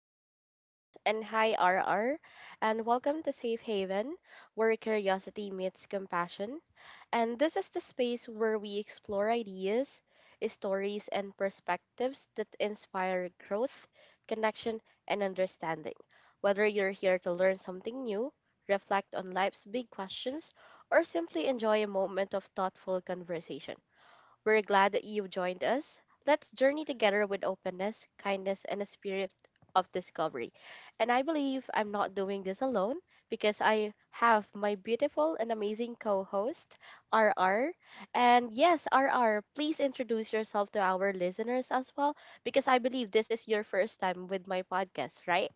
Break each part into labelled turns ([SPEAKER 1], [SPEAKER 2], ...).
[SPEAKER 1] Hi, listeners. And hi, RR. And welcome to Safe Haven, where curiosity meets compassion. And this is the space where we explore ideas, stories, and perspectives that inspire growth, connection, and understanding. Whether you're here to learn something new, reflect on life's big questions, or simply enjoy a moment of thoughtful conversation, we're glad that you've joined us. Let's journey together with openness, kindness, and a spirit of discovery. And I believe I'm not doing this alone because I have my beautiful and amazing co host, RR. And yes, RR, please introduce yourself to our listeners as well because I believe this is your first time with my podcast, right?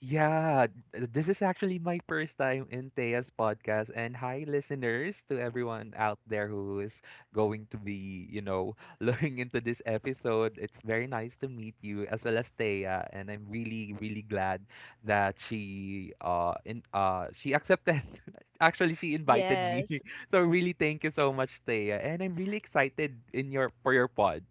[SPEAKER 2] Yeah, this is actually my first time in Thea's podcast. And hi, listeners, to everyone out there who is going to be, looking into this episode. It's very nice to meet you as well as Thea. And I'm really, really glad that she accepted. Actually, she invited me.
[SPEAKER 1] Yes.
[SPEAKER 2] So really thank you so much, Thea. And I'm really excited in your for your pod.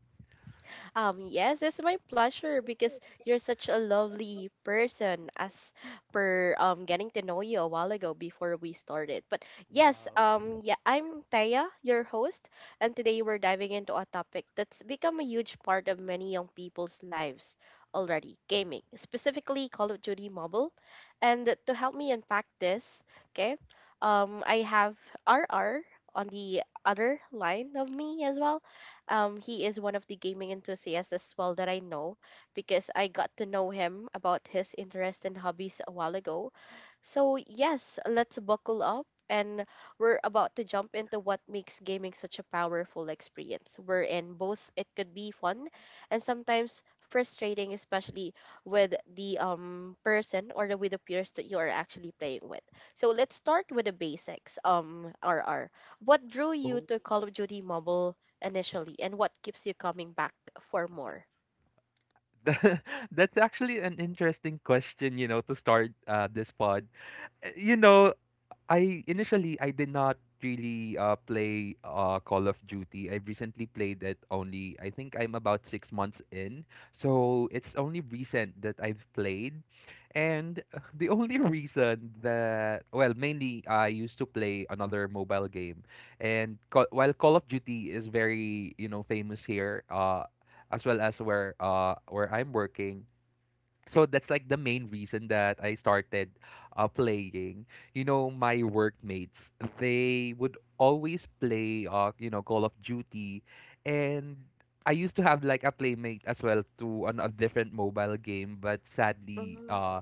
[SPEAKER 1] Yes, it's my pleasure because you're such a lovely person as per getting to know you a while ago before we started. But yes,
[SPEAKER 2] Wow.
[SPEAKER 1] yeah, I'm Taya, your host, and today we're diving into a topic that's become a huge part of many young people's lives already, gaming, specifically Call of Duty Mobile. And to help me unpack this, okay, I have RR on the other line of me as well. He is one of the gaming enthusiasts as well that I know, because I got to know him about his interests and hobbies a while ago. So, yes, let's buckle up and we're about to jump into what makes gaming such a powerful experience. We're in both it could be fun and sometimes frustrating, especially with the person or the with the peers that you are actually playing with. So, let's start with the basics. RR, what drew
[SPEAKER 2] Yeah.
[SPEAKER 1] you to Call of Duty Mobile initially, and what keeps you coming back for more?
[SPEAKER 2] Th- That's actually an interesting question, you know, to start this pod. You know, I initially I did not really play Call of Duty. I recently played it only, I think I'm about 6 months in, so it's only recent that I've played, and the only reason that, well, mainly I used to play another mobile game, and while Call of Duty is very, you know, famous here, as well as where I'm working, so that's like the main reason that I started playing. You know, my workmates, they would always play, you know, Call of Duty. And I used to have like a playmate as well to on a different mobile game, but sadly,
[SPEAKER 1] Mhm.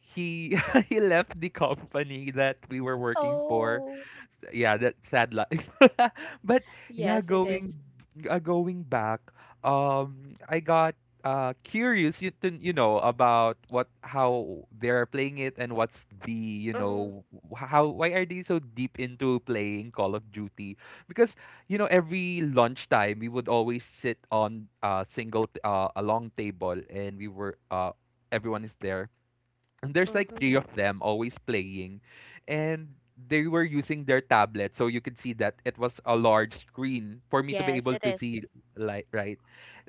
[SPEAKER 2] he he left the company that we were working for.
[SPEAKER 1] Oh,
[SPEAKER 2] Yeah, that sad life. But yeah,
[SPEAKER 1] yes, it is.
[SPEAKER 2] going back, I got curious you know, about what how they're playing it and what's the you
[SPEAKER 1] Mhm,
[SPEAKER 2] know, wh- how why are they so deep into playing Call of Duty, because, you know, every lunchtime we would always sit on a single a long table and we were everyone is there, and there's like
[SPEAKER 1] mhm.
[SPEAKER 2] three of them always playing. And they were using their tablet. So you could see that it was a large screen for me to be
[SPEAKER 1] Yes,
[SPEAKER 2] able
[SPEAKER 1] it
[SPEAKER 2] to
[SPEAKER 1] is.
[SPEAKER 2] see light, right?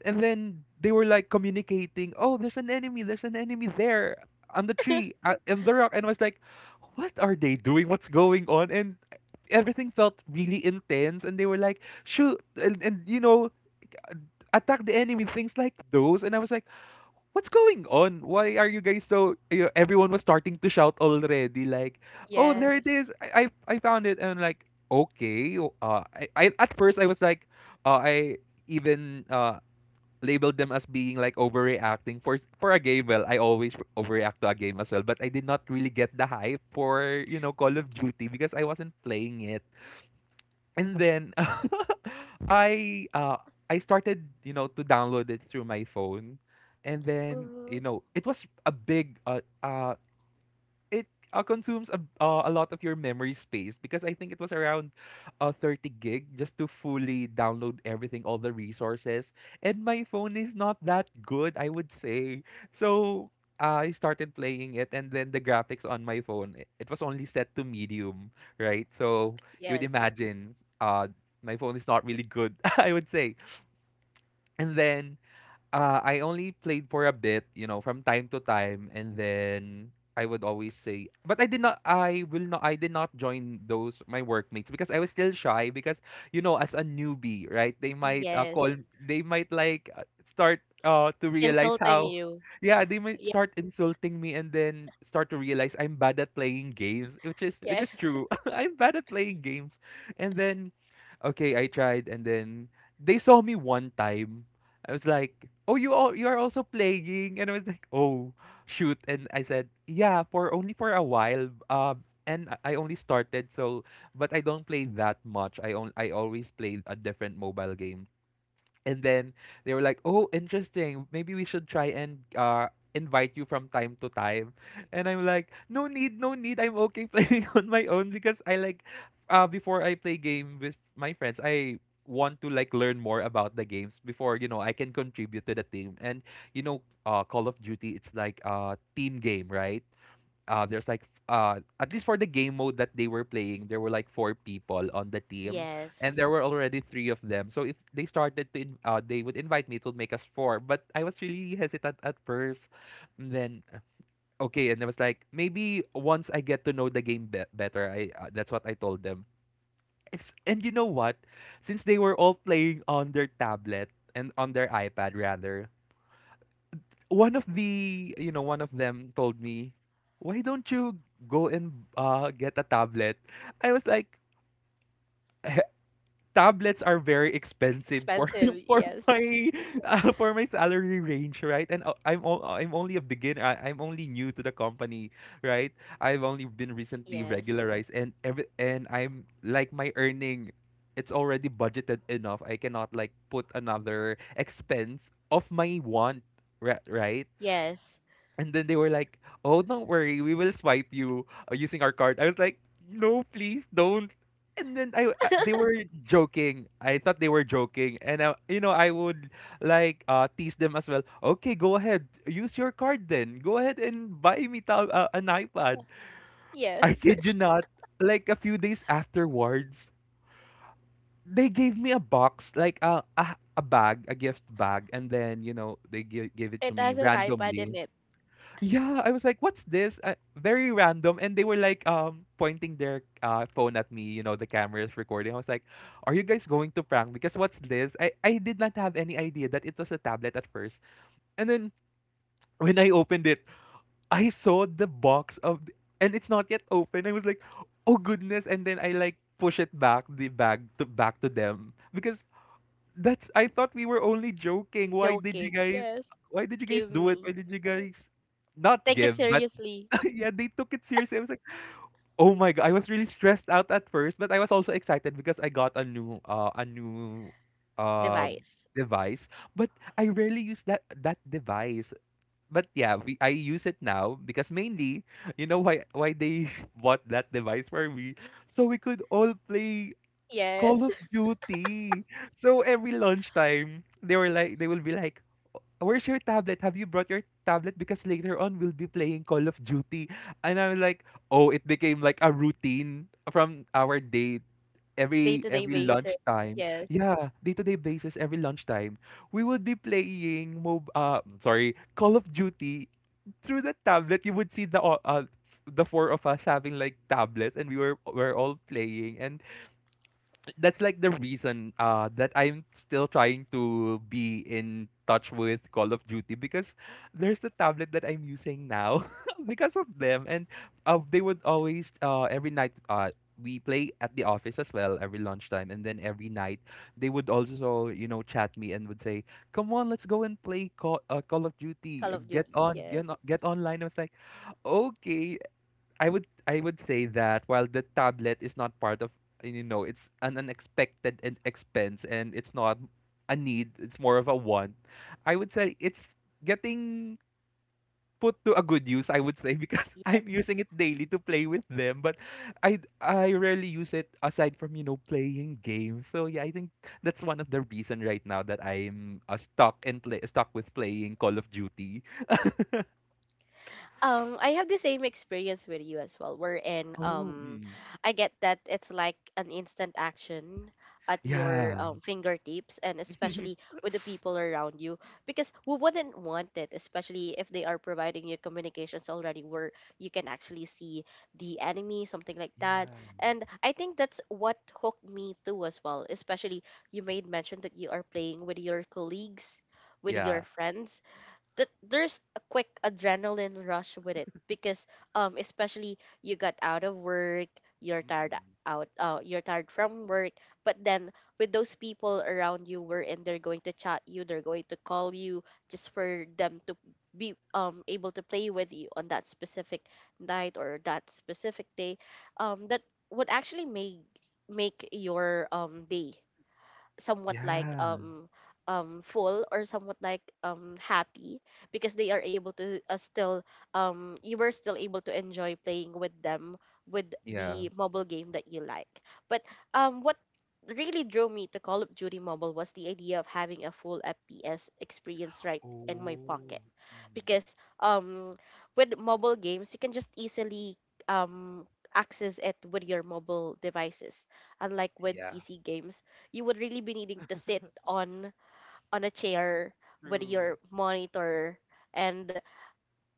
[SPEAKER 2] And then they were like communicating, oh, there's an enemy there on the tree, in the rock. And I was like, what are they doing? What's going on? And everything felt really intense. And they were like, shoot, and you know, attack the enemy, things like those. And I was like, what's going on? Why are you guys so? You know, everyone was starting to shout already. Like, oh, there it
[SPEAKER 1] Yes.
[SPEAKER 2] is. I found it, and I'm like, okay. Uh, I at first I was like, I even labeled them as being like overreacting for a game. Well, I always overreact to a game as well, but I did not really get the hype for, you know, Call of Duty, because I wasn't playing it. And then I uh I started, you know, to download it through my phone. And then,
[SPEAKER 1] Mm-hmm.
[SPEAKER 2] you know, it was a big it consumes a lot of your memory space, because I think it was around 30 gig just to fully download everything, all the resources. And my phone is not that good, I would say. So I started playing it, and then the graphics on my phone, it was only set to medium, right? So you would
[SPEAKER 1] Yes.
[SPEAKER 2] imagine, uh, my phone is not really good, I would say. And then I only played for a bit, you know, from time to time, and then I would always say, but I did not join those my workmates because I was still shy because, you know, as a newbie, right? They might
[SPEAKER 1] Yes.
[SPEAKER 2] they might like start to realize
[SPEAKER 1] Insulting
[SPEAKER 2] how,
[SPEAKER 1] you.
[SPEAKER 2] yeah, they might
[SPEAKER 1] Ye-
[SPEAKER 2] start insulting me and then start to realize I'm bad at playing games, which is
[SPEAKER 1] Yes.
[SPEAKER 2] true. I'm bad at playing games, and then, okay, I tried, and then they saw me one time I was like, "Oh, you all you are also playing," and I was like, "Oh, shoot!" And I said, "Yeah, for only for a while." And I only started, so, but I don't play that much. I always play a different mobile game. And then they were like, "Oh, interesting. Maybe we should try and invite you from time to time." And I'm like, "No need, no need. I'm okay playing on my own, because I like before I play game with my friends, I want to like learn more about the games before, you know, I can contribute to the team. And you know, Call of Duty, it's like a team game, right? There's like at least for the game mode that they were playing, there were like four people on the team, and
[SPEAKER 1] Yes.
[SPEAKER 2] there were already three of them. So if they started to, they would invite me. It would make us four. But I was really hesitant at first. And then okay, and I was like, maybe once I get to know the game better, I that's what I told them. It's, and you know what? Since they were all playing on their tablet and on their iPad rather, one of them told me, why don't you go and get a tablet. I was like, "Eh, tablets are very expensive for
[SPEAKER 1] Expensive.
[SPEAKER 2] for
[SPEAKER 1] Yes.
[SPEAKER 2] my for my salary range, right? And I'm I'm only a beginner. I'm only new to the company, right? I've only been recently
[SPEAKER 1] Yes.
[SPEAKER 2] regularized, and every and I'm like, my earning, it's already budgeted enough, I cannot like put another expense of my want, right?"
[SPEAKER 1] Yes.
[SPEAKER 2] And then they were like, "Oh, don't worry, we will swipe you using our card." I was like, "No, please don't." And then I, they were joking. I thought they were joking, and you know, I would like tease them as well. Okay, go ahead, use your card then. Go ahead and buy me an iPad. I
[SPEAKER 1] Yes.
[SPEAKER 2] kid you not. Like a few days afterwards, they gave me a box, like a bag, a gift bag, and then, you know, they gave it to
[SPEAKER 1] It
[SPEAKER 2] me
[SPEAKER 1] has an iPad in
[SPEAKER 2] randomly.
[SPEAKER 1] it.
[SPEAKER 2] Yeah, I was like, "What's this?" Very random, and they were like, pointing their phone at me. You know, the camera is recording. I was like, "Are you guys going to prank? Because what's this?" I did not have any idea that it was a tablet at first, and then when I opened it, I saw the box of, and it's not yet open. I was like, "Oh goodness!" And then I like push it back the bag to back to them, because that's, I thought we were only joking. Why did you
[SPEAKER 1] Joking.
[SPEAKER 2] guys?
[SPEAKER 1] Yes.
[SPEAKER 2] Why did you guys
[SPEAKER 1] Give
[SPEAKER 2] do it? Why
[SPEAKER 1] me.
[SPEAKER 2] did you
[SPEAKER 1] Yeah.
[SPEAKER 2] guys? Not
[SPEAKER 1] Take it
[SPEAKER 2] give, but
[SPEAKER 1] seriously.
[SPEAKER 2] yeah, they took it seriously. I was like, oh my god, I was really stressed out at first, but I was also excited because I got a new uh
[SPEAKER 1] Device.
[SPEAKER 2] device. But I rarely use that device. But yeah, I use it now because mainly, you know, why they bought that device for me, so we could all play Call
[SPEAKER 1] Yes.
[SPEAKER 2] of Duty. So every lunchtime, they were like, they will be like, where's your tablet? Have you brought your tablet? Because later on we'll be playing Call of Duty. And I'm like, oh, it became like a routine from our date.
[SPEAKER 1] Day to day
[SPEAKER 2] Every
[SPEAKER 1] basis.
[SPEAKER 2] lunchtime,
[SPEAKER 1] Yes.
[SPEAKER 2] yeah, day to day basis. Every lunchtime, we would be playing mob. Sorry, Call of Duty through the tablet. You would see the four of us having like tablets, and we were all playing. And that's like the reason that I'm still trying to be in touch with Call of Duty, because there's the tablet that I'm using now because of them. And they would always every night we play at the office as well every lunchtime, and then every night they would also, you know, chat me and would say, come on, let's go and play Call of Duty.
[SPEAKER 1] Call of
[SPEAKER 2] Get
[SPEAKER 1] Duty.
[SPEAKER 2] on,
[SPEAKER 1] Yes.
[SPEAKER 2] get online. I was like, okay. I would say that while the tablet is not part of, you know, it's an expense and it's not a need, it's more of a want, I would say it's getting put to a good use, I would say, because I'm using it daily to play with them. But I rarely use it aside from, you know, playing games. So yeah, I think that's one of the reason right now that I'm stuck and play stuck with playing Call of Duty.
[SPEAKER 1] I have the same experience with you as well.
[SPEAKER 2] Oh. Mm.
[SPEAKER 1] I get that it's like an instant action at your
[SPEAKER 2] Yeah.
[SPEAKER 1] fingertips, and especially with the people around you, because we wouldn't want it, especially if they are providing you communications already, where you can actually see the enemy, something like
[SPEAKER 2] Yeah,
[SPEAKER 1] that. And I think that's what hooked me too as well. Especially you made mention that you are playing with your colleagues, with your
[SPEAKER 2] yeah.
[SPEAKER 1] friends, that there's a quick adrenaline rush with it because especially you got out of work, you're tired
[SPEAKER 2] Mm-mm.
[SPEAKER 1] out, you're tired from work, but then with those people around you, wherein they're going to chat you, they're going to call you just for them to be able to play with you on that specific night or that specific day, that would actually make your day somewhat like
[SPEAKER 2] Yeah,
[SPEAKER 1] full or somewhat like happy because they are able to still you were still able to enjoy playing with them, with
[SPEAKER 2] yeah.
[SPEAKER 1] the mobile game that you like. But what really drew me to Call of Duty Mobile was the idea of having a full FPS experience right in my pocket,
[SPEAKER 2] Oh, mm.
[SPEAKER 1] because with mobile games you can just easily um access it with your mobile devices, unlike with
[SPEAKER 2] Yeah,
[SPEAKER 1] PC games, you would really be needing to sit on a chair with
[SPEAKER 2] true.
[SPEAKER 1] your monitor, and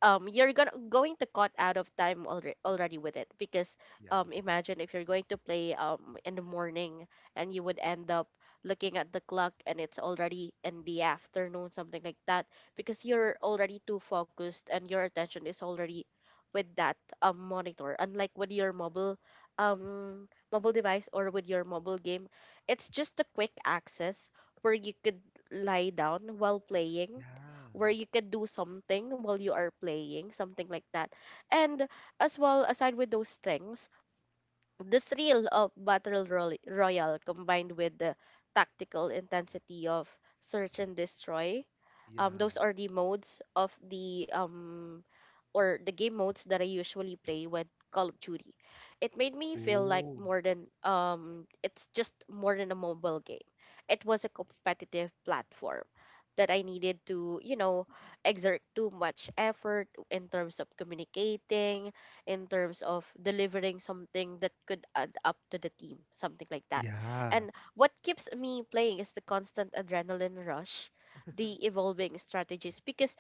[SPEAKER 1] you're gonna going to cut out of time already with it because
[SPEAKER 2] Yeah,
[SPEAKER 1] imagine if you're going to play in the morning, and you would end up looking at the clock and it's already in the afternoon, something like that, because you're already too focused and your attention is already with that monitor, unlike with your mobile, mobile device, or with your mobile game. It's just a quick access where you could lie down while playing,
[SPEAKER 2] yeah,
[SPEAKER 1] where you can do something while you are playing, something like that. And as well, aside with those things, the thrill of Royale combined with the tactical intensity of Search and Destroy,
[SPEAKER 2] yeah.
[SPEAKER 1] those are the modes of the or the game modes that I usually play with Call of Duty. It made me feel like
[SPEAKER 2] Oh.
[SPEAKER 1] more than it's just more than a mobile game. It was a competitive platform that I needed to, you know, exert too much effort in terms of communicating, in terms of delivering something that could add up to the team, something like that.
[SPEAKER 2] Yeah,
[SPEAKER 1] And what keeps me playing is the constant adrenaline rush, the evolving strategies, because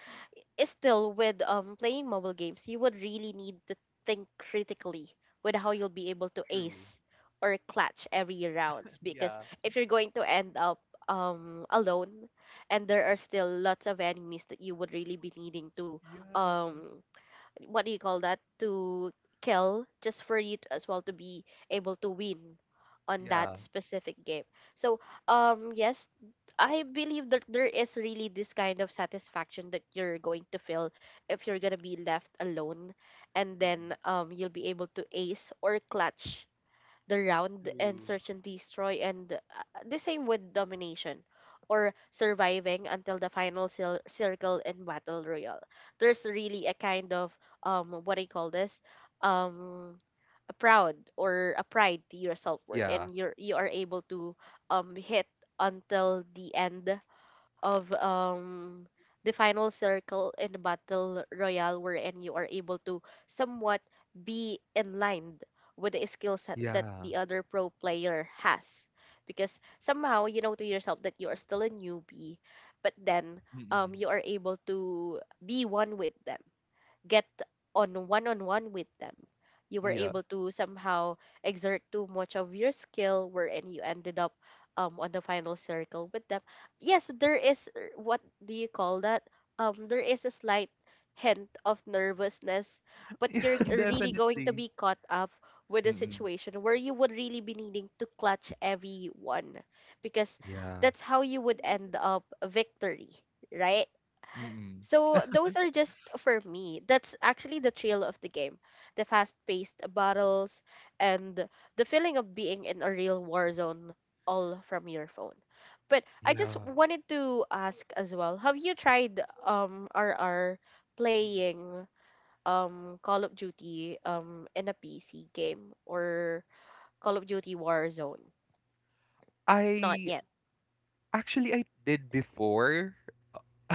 [SPEAKER 1] is still with playing mobile games, you would really need to think critically with how you'll be able to
[SPEAKER 2] true.
[SPEAKER 1] ace or clutch every rounds, because
[SPEAKER 2] Yeah,
[SPEAKER 1] if you're going to end up alone and there are still lots of enemies that you would really be needing to
[SPEAKER 2] yeah,
[SPEAKER 1] um what do you call that, to kill just for you to, as well, to be able to win on that
[SPEAKER 2] yeah,
[SPEAKER 1] specific game. So, yes, I believe that there is really this kind of satisfaction that you're going to feel if you're gonna be left alone, and then
[SPEAKER 2] mm,
[SPEAKER 1] you'll be able to ace or clutch the round and
[SPEAKER 2] true.
[SPEAKER 1] search and destroy, and the same with domination. Or surviving until the circle in battle royale. There's really a kind of what I call this um proud or a pride to yourself, where
[SPEAKER 2] Yeah,
[SPEAKER 1] and you're you are able to hit until the end of the final circle in the battle royale, wherein you are able to somewhat be in line with the skill set that
[SPEAKER 2] yeah,
[SPEAKER 1] the other pro player has, because somehow you know to yourself that you are still a newbie, but then
[SPEAKER 2] Mm,
[SPEAKER 1] you are able to be one with them, get on one with them. You were
[SPEAKER 2] yeah,
[SPEAKER 1] able to somehow exert too much of your skill, wherein you ended up on the final circle with them. Yes, there is what do you call that? There is a slight hint of nervousness, but
[SPEAKER 2] yeah,
[SPEAKER 1] you're really going to
[SPEAKER 2] definitely.
[SPEAKER 1] be caught up with a
[SPEAKER 2] Mm-mm.
[SPEAKER 1] situation where you would really be needing to clutch everyone, because
[SPEAKER 2] Yeah,
[SPEAKER 1] that's how you would end up a victory, right?
[SPEAKER 2] mm,
[SPEAKER 1] So those are just for me. That's actually the thrill of the game. The fast-paced battles and the feeling of being in a real war zone, all from your phone. But I just
[SPEAKER 2] yeah.
[SPEAKER 1] wanted to ask as well, have you tried R R
[SPEAKER 2] mm,
[SPEAKER 1] playing Call of Duty in a PC game or Call of Duty Warzone? Not
[SPEAKER 2] I
[SPEAKER 1] yet.
[SPEAKER 2] actually I did before.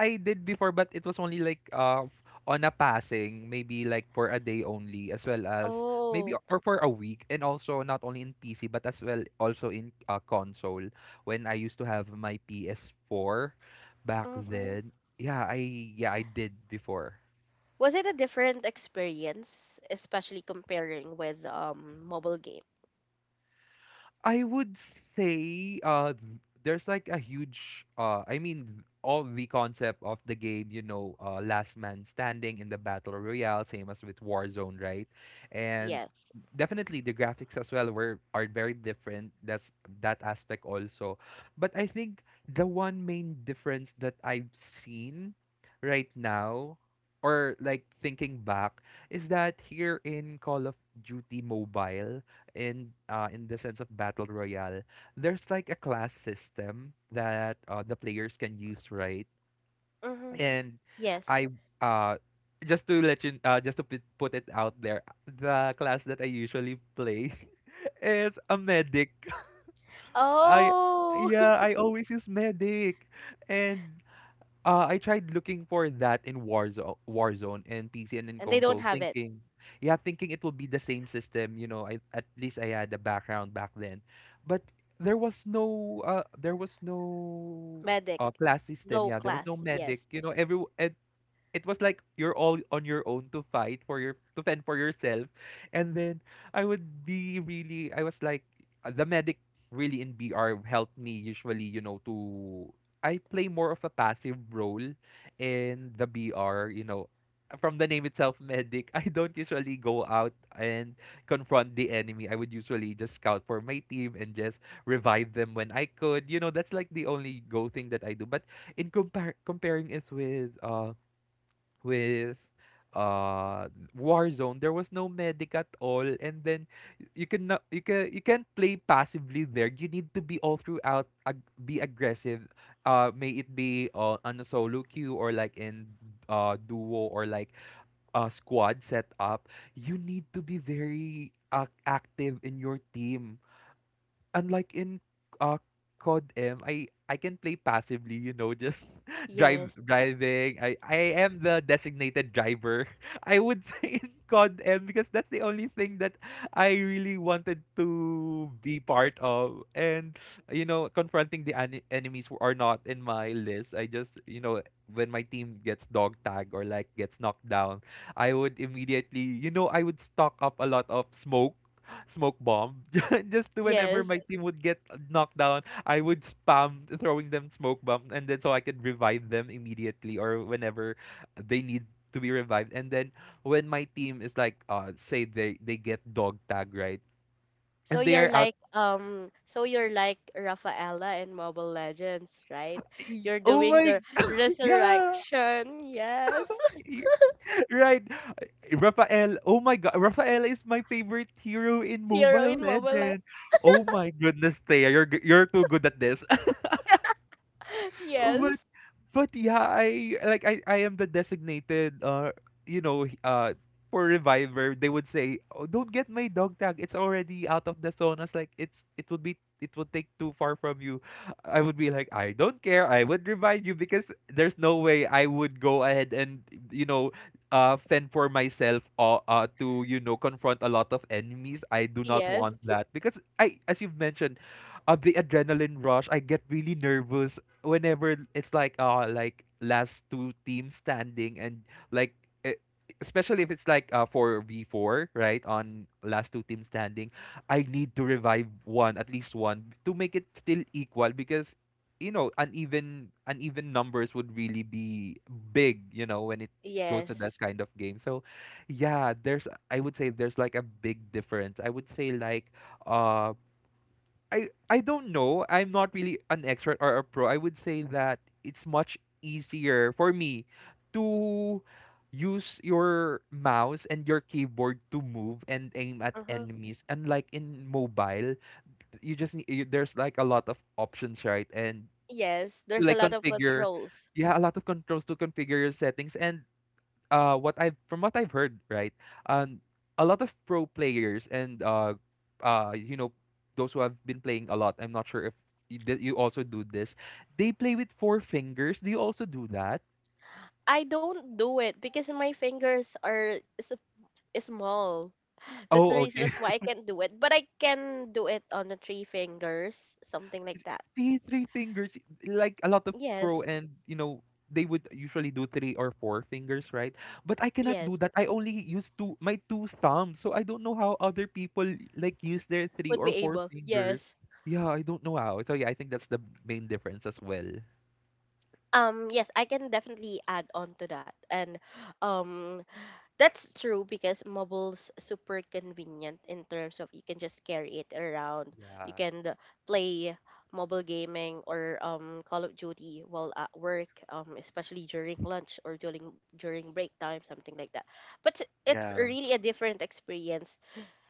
[SPEAKER 2] I did before, but it was only like on a passing, maybe like for a day only, as well as maybe
[SPEAKER 1] Oh.
[SPEAKER 2] or for a week, and also not only in PC but as well also in console. When I used to have my PS4 back then, yeah, I did before.
[SPEAKER 1] Was it a different experience, especially comparing with mobile game?
[SPEAKER 2] I would say there's like a huge I mean all the concept of the game, you know, last man standing in the battle royale, same as with Warzone, right? And
[SPEAKER 1] Yes.
[SPEAKER 2] definitely the graphics as well were are very different. That's that aspect also. But I think the one main difference that I've seen right now or like thinking back is that here in Call of Duty Mobile in in the sense of battle royale, there's like a class system that the players can use, right?
[SPEAKER 1] Mm-hmm.
[SPEAKER 2] And
[SPEAKER 1] Yes.
[SPEAKER 2] I uh just to let you just to put it out there, the class that I usually play is a medic. I
[SPEAKER 1] Oh,
[SPEAKER 2] yeah, I always use medic, and I tried looking for that in Warzone and PC and in
[SPEAKER 1] and they don't
[SPEAKER 2] console,
[SPEAKER 1] have it.
[SPEAKER 2] thinking, yeah, thinking it will be the same system. You know, I, at least I had a background back then, but there was no
[SPEAKER 1] Medic,
[SPEAKER 2] class system.
[SPEAKER 1] no
[SPEAKER 2] Yeah, there was no
[SPEAKER 1] class.
[SPEAKER 2] medic.
[SPEAKER 1] Yes.
[SPEAKER 2] You know, every and it was like you're all on your own to fight for your to fend for yourself, and then I would be really I was like the medic really in BR helped me usually, you know. To I play more of a passive role in the BR, you know. From the name itself, medic, I don't usually go out and confront the enemy. I would usually just scout for my team and just revive them when I could, you know. That's like the only go thing that I do. But in comparing is with with war zone there was no medic at all. And then you can not you can, you can't play passively there. You need to be all throughout be aggressive, may it be on a solo queue or like in duo or like a squad setup. You need to be very ac active in your team, unlike in uh COD M, I can play passively, you know, just drive
[SPEAKER 1] Yes.
[SPEAKER 2] driving. I am the designated driver. I would say in COD M because that's the only thing that I really wanted to be part of. And you know, confronting the enemies who are not in my list. I just, you know, when my team gets dog tagged or like gets knocked down, I would immediately, you know, I would stock up a lot of smoke bomb. Just to, whenever
[SPEAKER 1] Yes.
[SPEAKER 2] my team would get knocked down, I would spam throwing them smoke bomb, and then so I could revive them immediately or whenever they need to be revived. And then when my team is like, say they get dog tag, right, and they are out.
[SPEAKER 1] So you're like Rafaela in Mobile Legends, right? You're
[SPEAKER 2] Oh
[SPEAKER 1] doing
[SPEAKER 2] my,
[SPEAKER 1] the
[SPEAKER 2] yeah,
[SPEAKER 1] resurrection. Yes.
[SPEAKER 2] y- right. Rafael, oh my god, Rafael is my favorite hero in
[SPEAKER 1] Hero
[SPEAKER 2] Mobile
[SPEAKER 1] in Mobile. Le-
[SPEAKER 2] Legends. Oh my goodness, Thea, you're too good at this.
[SPEAKER 1] Yes.
[SPEAKER 2] But yeah, I like I am the designated you know h- uh for reviver. They would say, "Oh, don't get my dog tag. It's already out of the zone." I was like, "It's it would be it would take too far from you." I would be like, "I don't care. I would revive you because there's no way I would go ahead and you know fend for myself or to you know confront a lot of enemies. I do not want
[SPEAKER 1] Yes.
[SPEAKER 2] that because I, as you've mentioned, the adrenaline rush, I get really nervous whenever it's like last two teams standing, and like e- especially if it's like 4v4, right, on last two teams standing, I need to revive one, at least one, to make it still equal, because you know, uneven numbers would really be big, you know, when it goes to this
[SPEAKER 1] Yes.
[SPEAKER 2] kind of game. So yeah, there's, I would say there's like a big difference. I would say like uh I don't know. I'm not really an expert or a pro. I would say that it's much easier for me to use your mouse and your keyboard to move and aim at
[SPEAKER 1] Uh-huh.
[SPEAKER 2] enemies. Unlike in mobile, you just need, there's like a lot of options, right? And
[SPEAKER 1] Yes,
[SPEAKER 2] to
[SPEAKER 1] there's a
[SPEAKER 2] like
[SPEAKER 1] lot of
[SPEAKER 2] configure,
[SPEAKER 1] controls.
[SPEAKER 2] yeah, a lot of controls to configure your settings. And what I've from what I've heard, right? Um a lot of pro players and you know, those who have been playing a lot. I'm not sure if you also do this. They play with four fingers. Do you also do that?
[SPEAKER 1] I don't do it because my fingers are s- small. That's the
[SPEAKER 2] Oh,
[SPEAKER 1] reason
[SPEAKER 2] okay.
[SPEAKER 1] as why I can't do it. But I can do it on the three fingers, something like that.
[SPEAKER 2] See, three fingers. Like a lot of pro
[SPEAKER 1] Yes,
[SPEAKER 2] and you know, they would usually do three or four fingers, right? But I cannot do
[SPEAKER 1] yes,
[SPEAKER 2] that. I only use two, my two thumbs. So I don't know how other people like use their three
[SPEAKER 1] would be
[SPEAKER 2] or four
[SPEAKER 1] able.
[SPEAKER 2] fingers.
[SPEAKER 1] Yes.
[SPEAKER 2] Yeah, I don't know how. So yeah, I think that's the main difference as well.
[SPEAKER 1] Yes, I can definitely add on to that. And um that's true because mobile's super convenient in terms of you can just carry it around. You
[SPEAKER 2] Yeah.
[SPEAKER 1] can play mobile gaming or Call of Duty while at work, especially during lunch or during break time, something like that. But it's
[SPEAKER 2] Yeah.
[SPEAKER 1] really a different experience,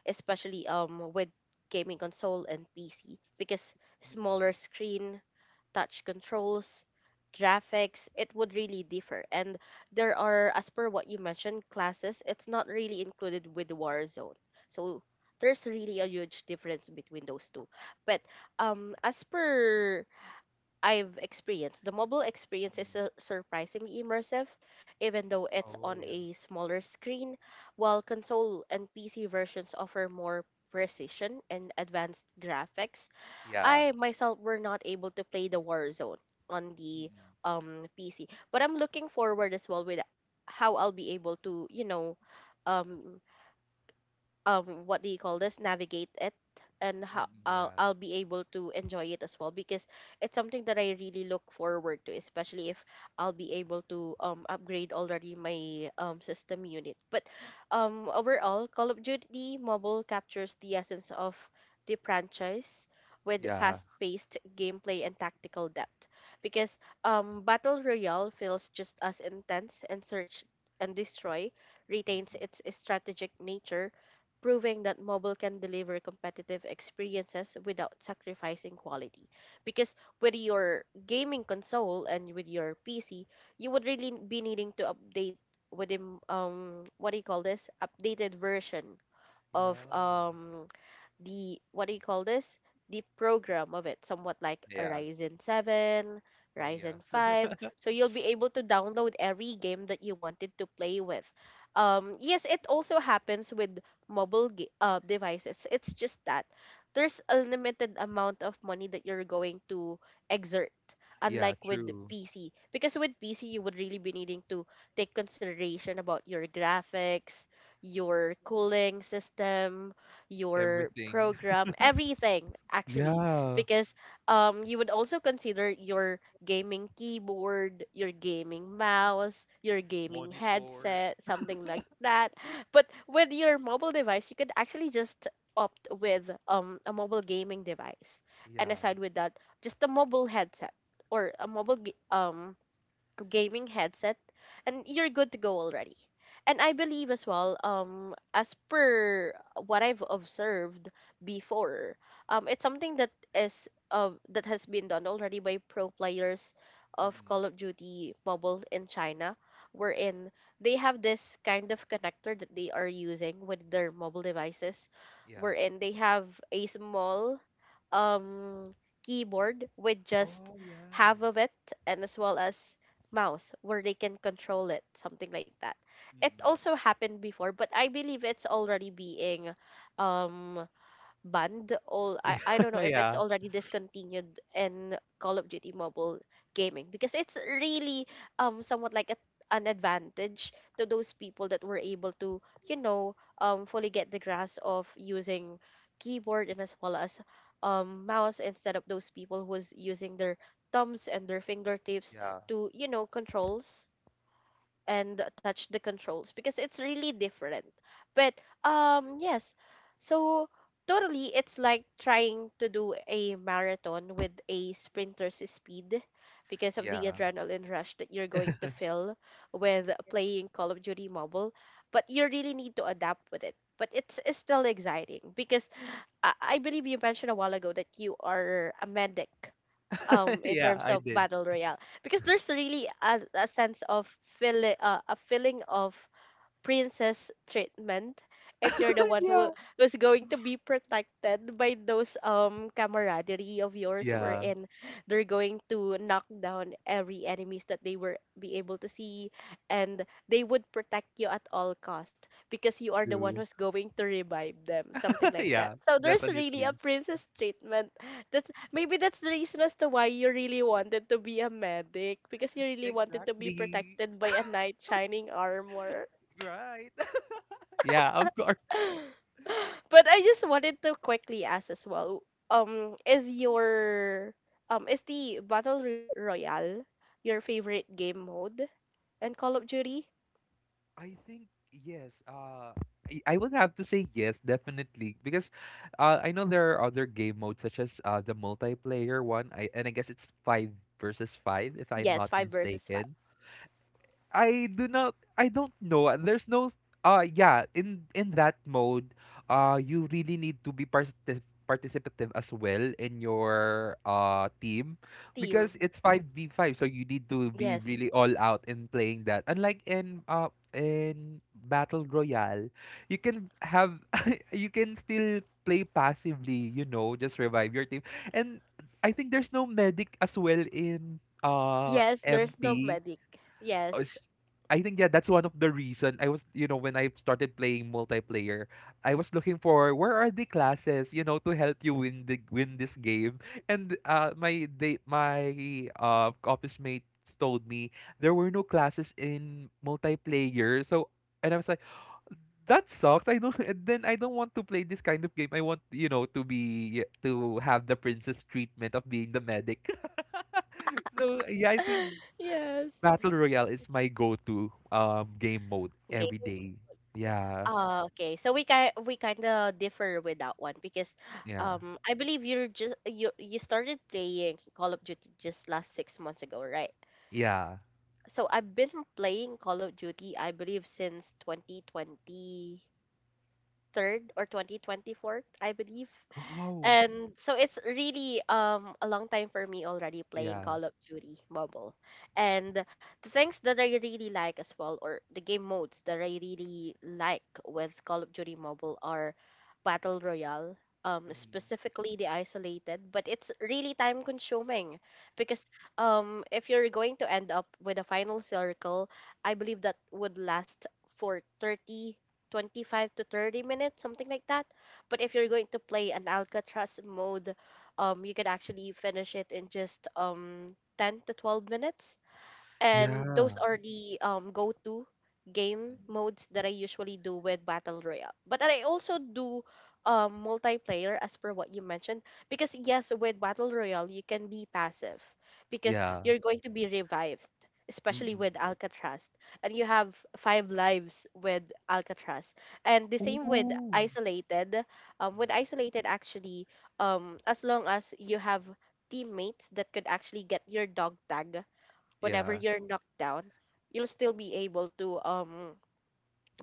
[SPEAKER 1] especially with gaming console and PC, because
[SPEAKER 2] Mm-mm.
[SPEAKER 1] smaller screen, touch controls, graphics, it would really differ. And there are, as per what you mentioned, classes, it's not really included with Warzone. So there's really a huge difference between those two. But as per I've experienced, the mobile experience is
[SPEAKER 2] Mm.
[SPEAKER 1] surprisingly immersive, even though it's
[SPEAKER 2] Oh
[SPEAKER 1] on
[SPEAKER 2] yeah.
[SPEAKER 1] a smaller screen, while console and PC versions offer more precision and advanced graphics.
[SPEAKER 2] Yeah.
[SPEAKER 1] I myself were not able to play the Warzone on the
[SPEAKER 2] Mm-mm.
[SPEAKER 1] PC. But I'm looking forward as well with how I'll be able to, you know, um what do you call this, navigate it, and how
[SPEAKER 2] Mm-mm. Yeah.
[SPEAKER 1] I'll be able to enjoy it as well, because it's something that I really look forward to, especially if I'll be able to upgrade already my system unit. But overall Call of Duty Mobile captures the essence of the franchise with
[SPEAKER 2] Yeah.
[SPEAKER 1] fast-paced gameplay and tactical depth, because battle royale feels just as intense, and search and destroy retains
[SPEAKER 2] Mm-mm.
[SPEAKER 1] its strategic nature, proving that mobile can deliver competitive experiences without sacrificing quality. Because with your gaming console and with your PC, you would really be needing to update with the, what do you call this, updated version of
[SPEAKER 2] Yeah.
[SPEAKER 1] the what do you call this? The program of it, somewhat like a
[SPEAKER 2] Yeah.
[SPEAKER 1] Ryzen 7,
[SPEAKER 2] Oh yeah.
[SPEAKER 1] Ryzen 5. So you'll be able to download every game that you wanted to play with. Yes, it also happens with devices. It's just that there's a limited amount of money that you're going to exert,
[SPEAKER 2] Yeah,
[SPEAKER 1] unlike with
[SPEAKER 2] true.
[SPEAKER 1] PC, because with PC you would really be needing to take consideration about your graphics, your cooling system, your
[SPEAKER 2] Everything.
[SPEAKER 1] program, everything actually,
[SPEAKER 2] Yeah.
[SPEAKER 1] because you would also consider your gaming keyboard, your gaming mouse, your gaming
[SPEAKER 2] Monitor.
[SPEAKER 1] headset, something like that. But with your mobile device, you could actually just opt with a mobile gaming device, and
[SPEAKER 2] Yeah.
[SPEAKER 1] aside with that, just a mobile headset or a mobile gaming headset and you're good to go already. And I believe as well, as per what I've observed before, it's something that is that has been done already by pro players of
[SPEAKER 2] Mm.
[SPEAKER 1] Call of Duty Mobile in China, wherein they have this kind of connector that they are using with their mobile devices,
[SPEAKER 2] Yeah.
[SPEAKER 1] wherein they have a small um keyboard with just
[SPEAKER 2] Oh, yeah.
[SPEAKER 1] half of it, and as well as mouse where they can control it, something like that. It
[SPEAKER 2] Mm.
[SPEAKER 1] also happened before, but I believe it's already being um banned. I don't know if it's
[SPEAKER 2] Yeah.
[SPEAKER 1] already discontinued in Call of Duty Mobile gaming, because it's really somewhat like an advantage to those people that were able to fully get the grasp of using keyboard and as well as mouse, instead of those people who's using their thumbs and their fingertips
[SPEAKER 2] Yeah.
[SPEAKER 1] to controls and touch the controls, because it's really different. But yes. So totally it's like trying to do a marathon with a sprinter's speed, because
[SPEAKER 2] Yeah.
[SPEAKER 1] of the
[SPEAKER 2] Yeah.
[SPEAKER 1] adrenaline rush that you're going to feel with playing Call of Duty Mobile, but you really need to adapt with it. But it's still exciting because I believe you mentioned a while ago that you are a medic in
[SPEAKER 2] Yeah,
[SPEAKER 1] terms
[SPEAKER 2] I
[SPEAKER 1] of
[SPEAKER 2] did.
[SPEAKER 1] battle royale, because there's really a sense of feel a feeling of princess treatment if you're the one
[SPEAKER 2] Yeah.
[SPEAKER 1] who was going to be protected by those camaraderie of yours,
[SPEAKER 2] Yeah.
[SPEAKER 1] wherein they're going to knock down every enemies that they were be able to see, and they would protect you at all cost because you are the one
[SPEAKER 2] True.
[SPEAKER 1] who's going to revive them, something like that.
[SPEAKER 2] Yeah,
[SPEAKER 1] So there's really a
[SPEAKER 2] definitely.
[SPEAKER 1] princess treatment. That's Maybe that's the reason as to why you really wanted to be a medic, because you really wanted to be
[SPEAKER 2] Exactly.
[SPEAKER 1] protected by a knight shining armor.
[SPEAKER 2] Right. Yeah, of course.
[SPEAKER 1] But I just wanted to quickly ask as well. Um, is your is the Royale your favorite game mode in Call of Duty?
[SPEAKER 2] I think yes. I would have to say yes, definitely, because I know there are other game modes such as the multiplayer one. I and I guess it's five versus five, if I'm
[SPEAKER 1] Yes,
[SPEAKER 2] not
[SPEAKER 1] five versus five
[SPEAKER 2] mistaken. I do not I don't know. There's no s- Yeah, in that mode, you really need to be participative as well in your team because
[SPEAKER 1] team.
[SPEAKER 2] it's 5v5, so you need to be
[SPEAKER 1] Yes,
[SPEAKER 2] really all out in playing that. Unlike in Battle Royale, you can have you can still play passively, you know, just revive your team. And I think there's no medic as well in
[SPEAKER 1] yes. There's no
[SPEAKER 2] MP,
[SPEAKER 1] medic. Yes,
[SPEAKER 2] I think yeah, that's one of the reason. I was, you know, when I started playing multiplayer, I was looking for where are the classes, you know, to help you win the win this game. And my they my office mates told me there were no classes in multiplayer. So and I was like, that sucks. I don't and then I don't want to play this kind of game. I want, you know, to have the princess treatment of being the medic. So yeah, I think
[SPEAKER 1] yes.
[SPEAKER 2] Battle Royale is my go-to game mode
[SPEAKER 1] Game.
[SPEAKER 2] every day. Yeah,
[SPEAKER 1] Ah, okay. So we kind of differ with that one, because
[SPEAKER 2] yeah,
[SPEAKER 1] I believe you're just you you started playing Call of Duty just last 6 months ago, right?
[SPEAKER 2] yeah.
[SPEAKER 1] So I've been playing Call of Duty, I believe, since 2023 or 2024, I believe.
[SPEAKER 2] Wow.
[SPEAKER 1] And so it's really a long time for me already playing
[SPEAKER 2] Yeah.
[SPEAKER 1] Call of Duty Mobile. And the things that I really like as well, or the game modes that I really like with Call of Duty Mobile, are Battle Royale,
[SPEAKER 2] Hmm.
[SPEAKER 1] specifically the isolated, but it's really time consuming because if you're going to end up with a final circle, I believe that would last for 30 25 to 30 minutes, something like that. But if you're going to play an Alcatraz mode, you can actually finish it in just 10 to 12 minutes, and
[SPEAKER 2] Yeah.
[SPEAKER 1] those are the go-to game
[SPEAKER 2] Mhm.
[SPEAKER 1] modes that I usually do with battle royale. But I also do multiplayer as per what you mentioned, because yes, with battle royale you can be passive because
[SPEAKER 2] Yeah.
[SPEAKER 1] you're going to be revived, especially
[SPEAKER 2] Mm-mm.
[SPEAKER 1] with Alcatraz, and you have five lives with Alcatraz, and the same with
[SPEAKER 2] Ooh.
[SPEAKER 1] isolated. With
[SPEAKER 2] Mhm.
[SPEAKER 1] isolated actually, as long as you have teammates that could actually get your dog tag whenever
[SPEAKER 2] Yeah.
[SPEAKER 1] you're knocked down, you'll still be able to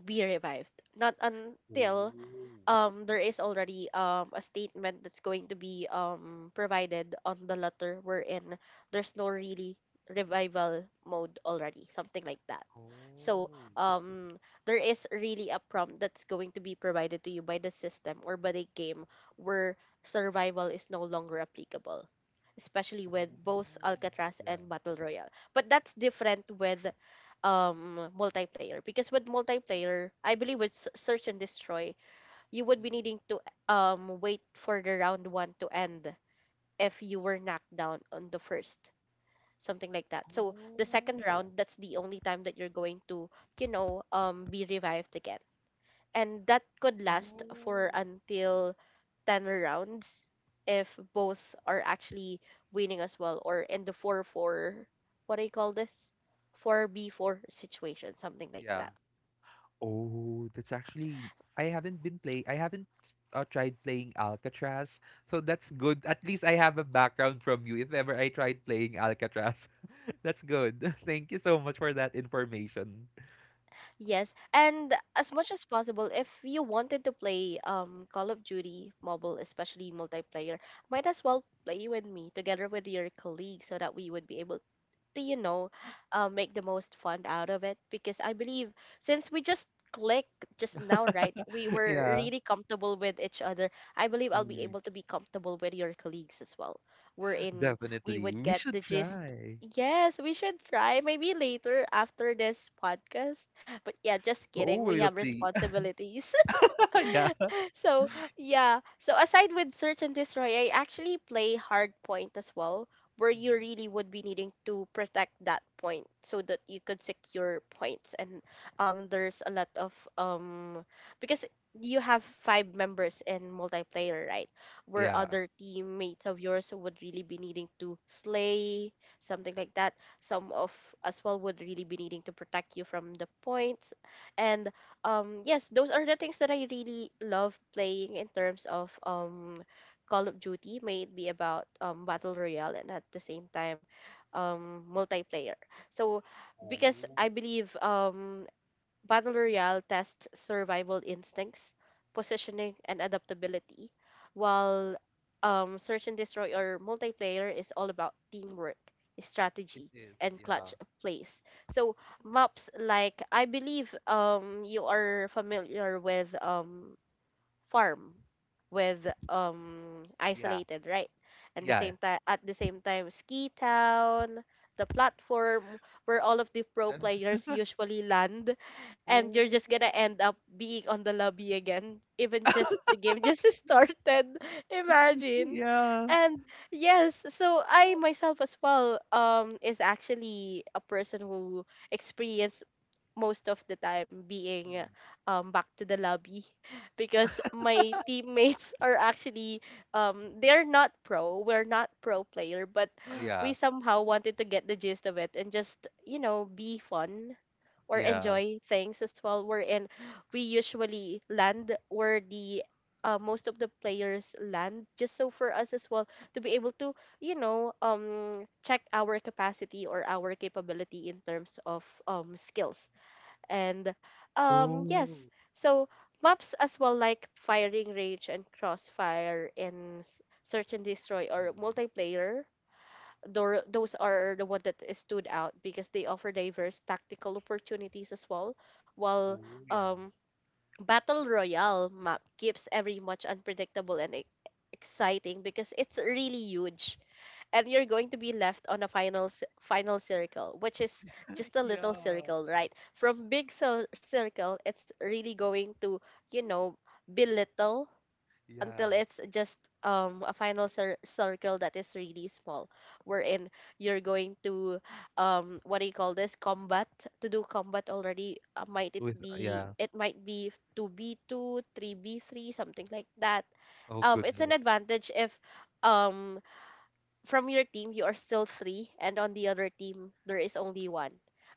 [SPEAKER 1] be revived. Not until
[SPEAKER 2] Oh.
[SPEAKER 1] there is already a statement that's going to be provided on the letter, wherein there's no really revival mode already, something like that. So
[SPEAKER 2] Oh.
[SPEAKER 1] um there is really a prompt that's going to be provided to you by the system or by the game where survival is no longer applicable, especially with both
[SPEAKER 2] Oh.
[SPEAKER 1] Alcatraz
[SPEAKER 2] Yeah.
[SPEAKER 1] and Battle Royale. But that's different with multiplayer, because with multiplayer, I believe with search and destroy, you would be
[SPEAKER 2] Mm-mm.
[SPEAKER 1] needing to wait for the round one to end if you were knocked down on the first, something like that. So the second
[SPEAKER 2] Oh. Yeah.
[SPEAKER 1] round, that's the only time that you're going to be revived again, and that could last for
[SPEAKER 2] Oh.
[SPEAKER 1] until 10 rounds if both are actually winning as well, or in the 4-4, what do you call this, 4b4 situation, something like
[SPEAKER 2] Yeah.
[SPEAKER 1] that.
[SPEAKER 2] Oh, that's actually I haven't tried playing Alcatraz. So that's good. At least I have a background from you if ever I tried playing Alcatraz. That's good. Thank you so much for that information.
[SPEAKER 1] Yes, and as much as possible, if you wanted to play Call of Duty Mobile, especially multiplayer, might as well play with me together with your colleagues, so that we would be able to make the most fun out of it, because I believe since we just click just now, right, we were
[SPEAKER 2] Yeah.
[SPEAKER 1] really comfortable with each other. I believe I'll be
[SPEAKER 2] Mm,
[SPEAKER 1] able to be comfortable with your colleagues as well. We're in, we
[SPEAKER 2] definitely.
[SPEAKER 1] would
[SPEAKER 2] We
[SPEAKER 1] get
[SPEAKER 2] should
[SPEAKER 1] the gist.
[SPEAKER 2] try.
[SPEAKER 1] Yes, we should try maybe later after this podcast. But yeah, just
[SPEAKER 2] Oh,
[SPEAKER 1] kidding. We
[SPEAKER 2] we'll
[SPEAKER 1] have
[SPEAKER 2] see.
[SPEAKER 1] responsibilities.
[SPEAKER 2] Yeah.
[SPEAKER 1] So yeah, so aside with search and destroy, I actually play hard point as well, where you
[SPEAKER 2] Mhm.
[SPEAKER 1] really would be needing to protect that point, so that you could secure points. And there's a lot of because you have five members in multiplayer, right, where
[SPEAKER 2] Yeah.
[SPEAKER 1] other teammates of yours would really be needing to slay, something like that. Some of as well would really be needing to protect you from the points. And yes, those are the things that I really love playing in terms of Call of Duty, may it be about battle royale and at the same time multiplayer. So, because
[SPEAKER 2] Oh,
[SPEAKER 1] I believe Battle Royale tests survival instincts, positioning, and adaptability, while Search and Destroy or multiplayer is all about teamwork,
[SPEAKER 2] it
[SPEAKER 1] strategy,
[SPEAKER 2] is.
[SPEAKER 1] and
[SPEAKER 2] Yeah.
[SPEAKER 1] clutch plays. So maps like, I believe you are familiar with farm with
[SPEAKER 2] Yeah.
[SPEAKER 1] isolated, right, and the
[SPEAKER 2] Yeah.
[SPEAKER 1] same time at the same time ski town, the platform where all of the pro
[SPEAKER 2] Then,
[SPEAKER 1] players usually land, and you're
[SPEAKER 2] oh,
[SPEAKER 1] just gonna end up being on the lobby again even just the game just started, imagine.
[SPEAKER 2] yeah.
[SPEAKER 1] And yes, so I myself as well is actually a person who experienced most of the time being
[SPEAKER 2] Mm.
[SPEAKER 1] back to the lobby because my teammates are actually they're not pro we're not pro player, but we
[SPEAKER 2] Yeah.
[SPEAKER 1] somehow wanted to get the gist of it and just, you know, be fun or
[SPEAKER 2] Yeah.
[SPEAKER 1] enjoy things as well, we're in we usually land where the most of the players land, just so for us as well to be able to check our capacity or our capability in terms of skills. And yes,
[SPEAKER 2] Oh.
[SPEAKER 1] so maps as well like firing range and crossfire and search and destroy or
[SPEAKER 2] Mm.
[SPEAKER 1] multiplayer, those are the one that is stood out because they offer diverse tactical opportunities as well, while
[SPEAKER 2] Oh, yeah.
[SPEAKER 1] um battle royale map keeps every much unpredictable and exciting, because it's really huge and you're going to be left on a final circle, which is just a little
[SPEAKER 2] Yeah.
[SPEAKER 1] circle, right, from circle, it's really going to, you know, be little until
[SPEAKER 2] Yeah.
[SPEAKER 1] it's just a circle that is really small, wherein you're going to what do you call this combat to do combat already, might it
[SPEAKER 2] With
[SPEAKER 1] be
[SPEAKER 2] yeah.
[SPEAKER 1] it might be 2b2, 3b3, something like that.
[SPEAKER 2] Oh
[SPEAKER 1] It's an
[SPEAKER 2] goodness.
[SPEAKER 1] advantage if um from your team you are still three and on the other team there is only one,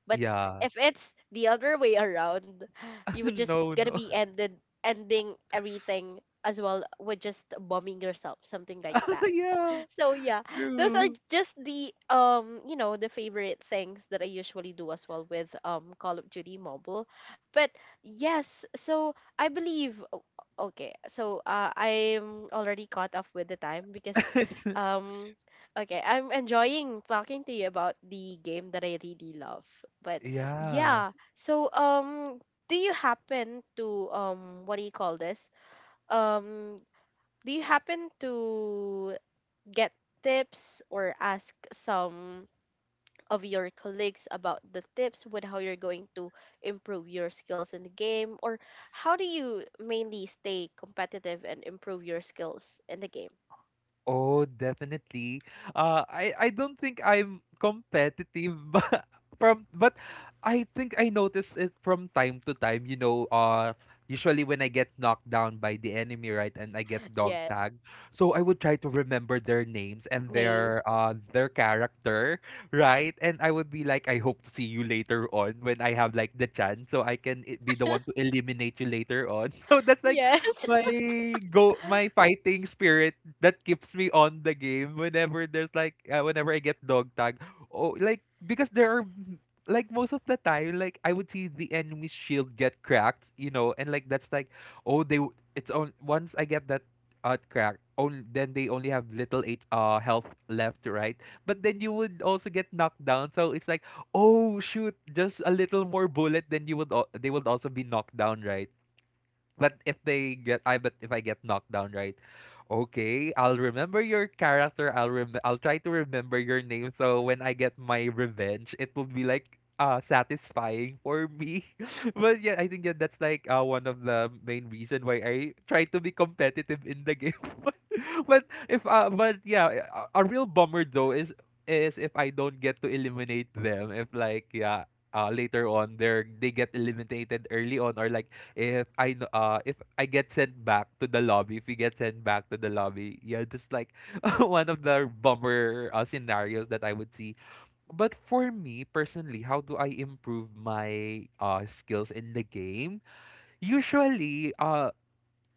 [SPEAKER 1] but
[SPEAKER 2] Yeah.
[SPEAKER 1] if it's the other way around you would just
[SPEAKER 2] No,
[SPEAKER 1] gonna
[SPEAKER 2] no.
[SPEAKER 1] be ended, ending everything as well with just bombing yourself, something like that.
[SPEAKER 2] Yeah,
[SPEAKER 1] So yeah, those are
[SPEAKER 2] true.
[SPEAKER 1] just the the favorite things that I usually do as well with Call of Duty Mobile. But yes, so I believe I'm already caught up with the time because um okay, I'm enjoying talking to you about the game that I really love. But
[SPEAKER 2] Yeah.
[SPEAKER 1] yeah, so do you happen to what do you call this? Um do you happen to get tips or ask some of your colleagues about the tips with how you're going to improve your skills in the game? Or how do you mainly stay competitive and improve your skills in the game?
[SPEAKER 2] Oh, definitely. I don't think I'm competitive, but I think I notice it from time to time. You know, usually when I get knocked down by the enemy, right, and I get dog
[SPEAKER 1] Yeah,
[SPEAKER 2] tagged, so I would try to remember their names and
[SPEAKER 1] names.
[SPEAKER 2] their character, right, and I would be like, I hope to see you later on when I have like the chance, so I can be the one to eliminate you later on. So that's like
[SPEAKER 1] Yes.
[SPEAKER 2] my my fighting spirit that keeps me on the game whenever there's like whenever I get dog tag. Oh, like because there are like most of the time, like I would see the enemy's shield get cracked, you know, and like that's like, oh, they it's on, once I get that crack, only then they only have little eight health left, right, but then you would also get knocked down, so it's like, oh shoot, just a little more bullet, then they would also be knocked down, right. But if they get, I but if I get knocked down, right? Okay, I'll remember your character. I'll try to remember your name. So when I get my revenge, it will be like satisfying for me. I think that's like one of the main reason why I try to be competitive in the game. But if but yeah, a real bummer though is if I don't get to eliminate them. If like yeah, later on they get eliminated early on or like if I get sent back to the lobby, if we get sent back to the lobby, yeah, just like one of the bummer scenarios that I would see. But for me personally, how do I improve my skills in the game? Usually,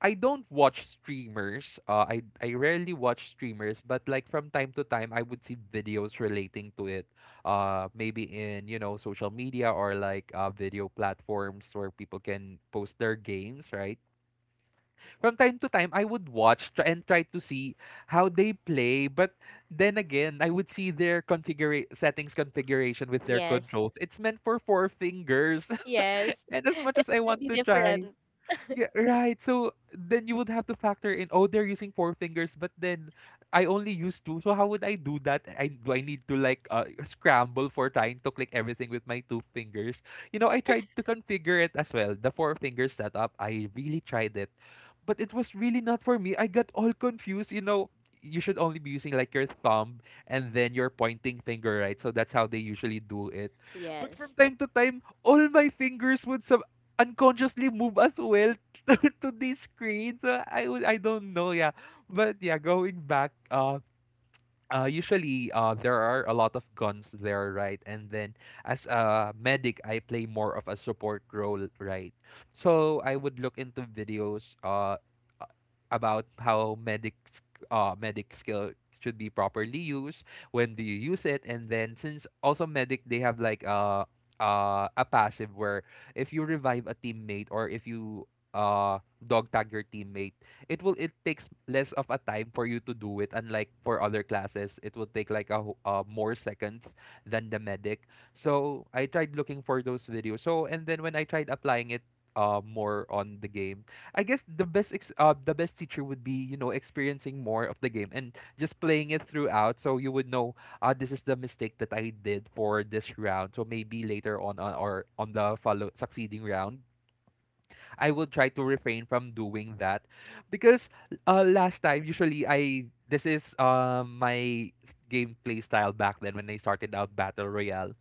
[SPEAKER 2] I don't watch streamers. I rarely watch streamers, but like from time to time, I would see videos relating to it. Maybe in you know social media or like video platforms where people can post their games, right? From time to time, I would watch try and try to see how they play. But then again, I would see their configuration with their
[SPEAKER 1] Yes.
[SPEAKER 2] controls. It's meant for four fingers,
[SPEAKER 1] Yes,
[SPEAKER 2] and as much
[SPEAKER 1] it's
[SPEAKER 2] as I want
[SPEAKER 1] really
[SPEAKER 2] to try,
[SPEAKER 1] different.
[SPEAKER 2] yeah, right. So then you would have to factor in, oh, they're using four fingers, but then I only use two. So how would I do that? I need to like scramble for trying to click everything with my two fingers? You know, I tried to configure it as well. The four finger setup, I really tried it. But it was really not for me. I got all confused. You know, you should only be using like your thumb and then your pointing finger, right? So that's how they usually do it. But from
[SPEAKER 1] Yes.
[SPEAKER 2] time to time, all my fingers would some unconsciously move as well to, to the screen. So I don't know, yeah. But yeah, going back, usually there are a lot of guns there, right? And then as a medic, I play more of a support role, right? So I would look into videos uh, about how medic skill should be properly used, when do you use it, and then since also medic they have like a passive where if you revive a teammate or if you uh, dog tag your teammate it takes less of a time for you to do it, unlike for other classes it will take like a more seconds than the medic. So I tried looking for those videos. So and then when I tried applying it more on the game, I guess the the best teacher would be you know experiencing more of the game and just playing it throughout, so you would know this is the mistake that I did for this round, so maybe later on or on the follow succeeding round I will try to refrain from doing that. Because last time, usually I this is my gameplay style back then when I started out battle royale.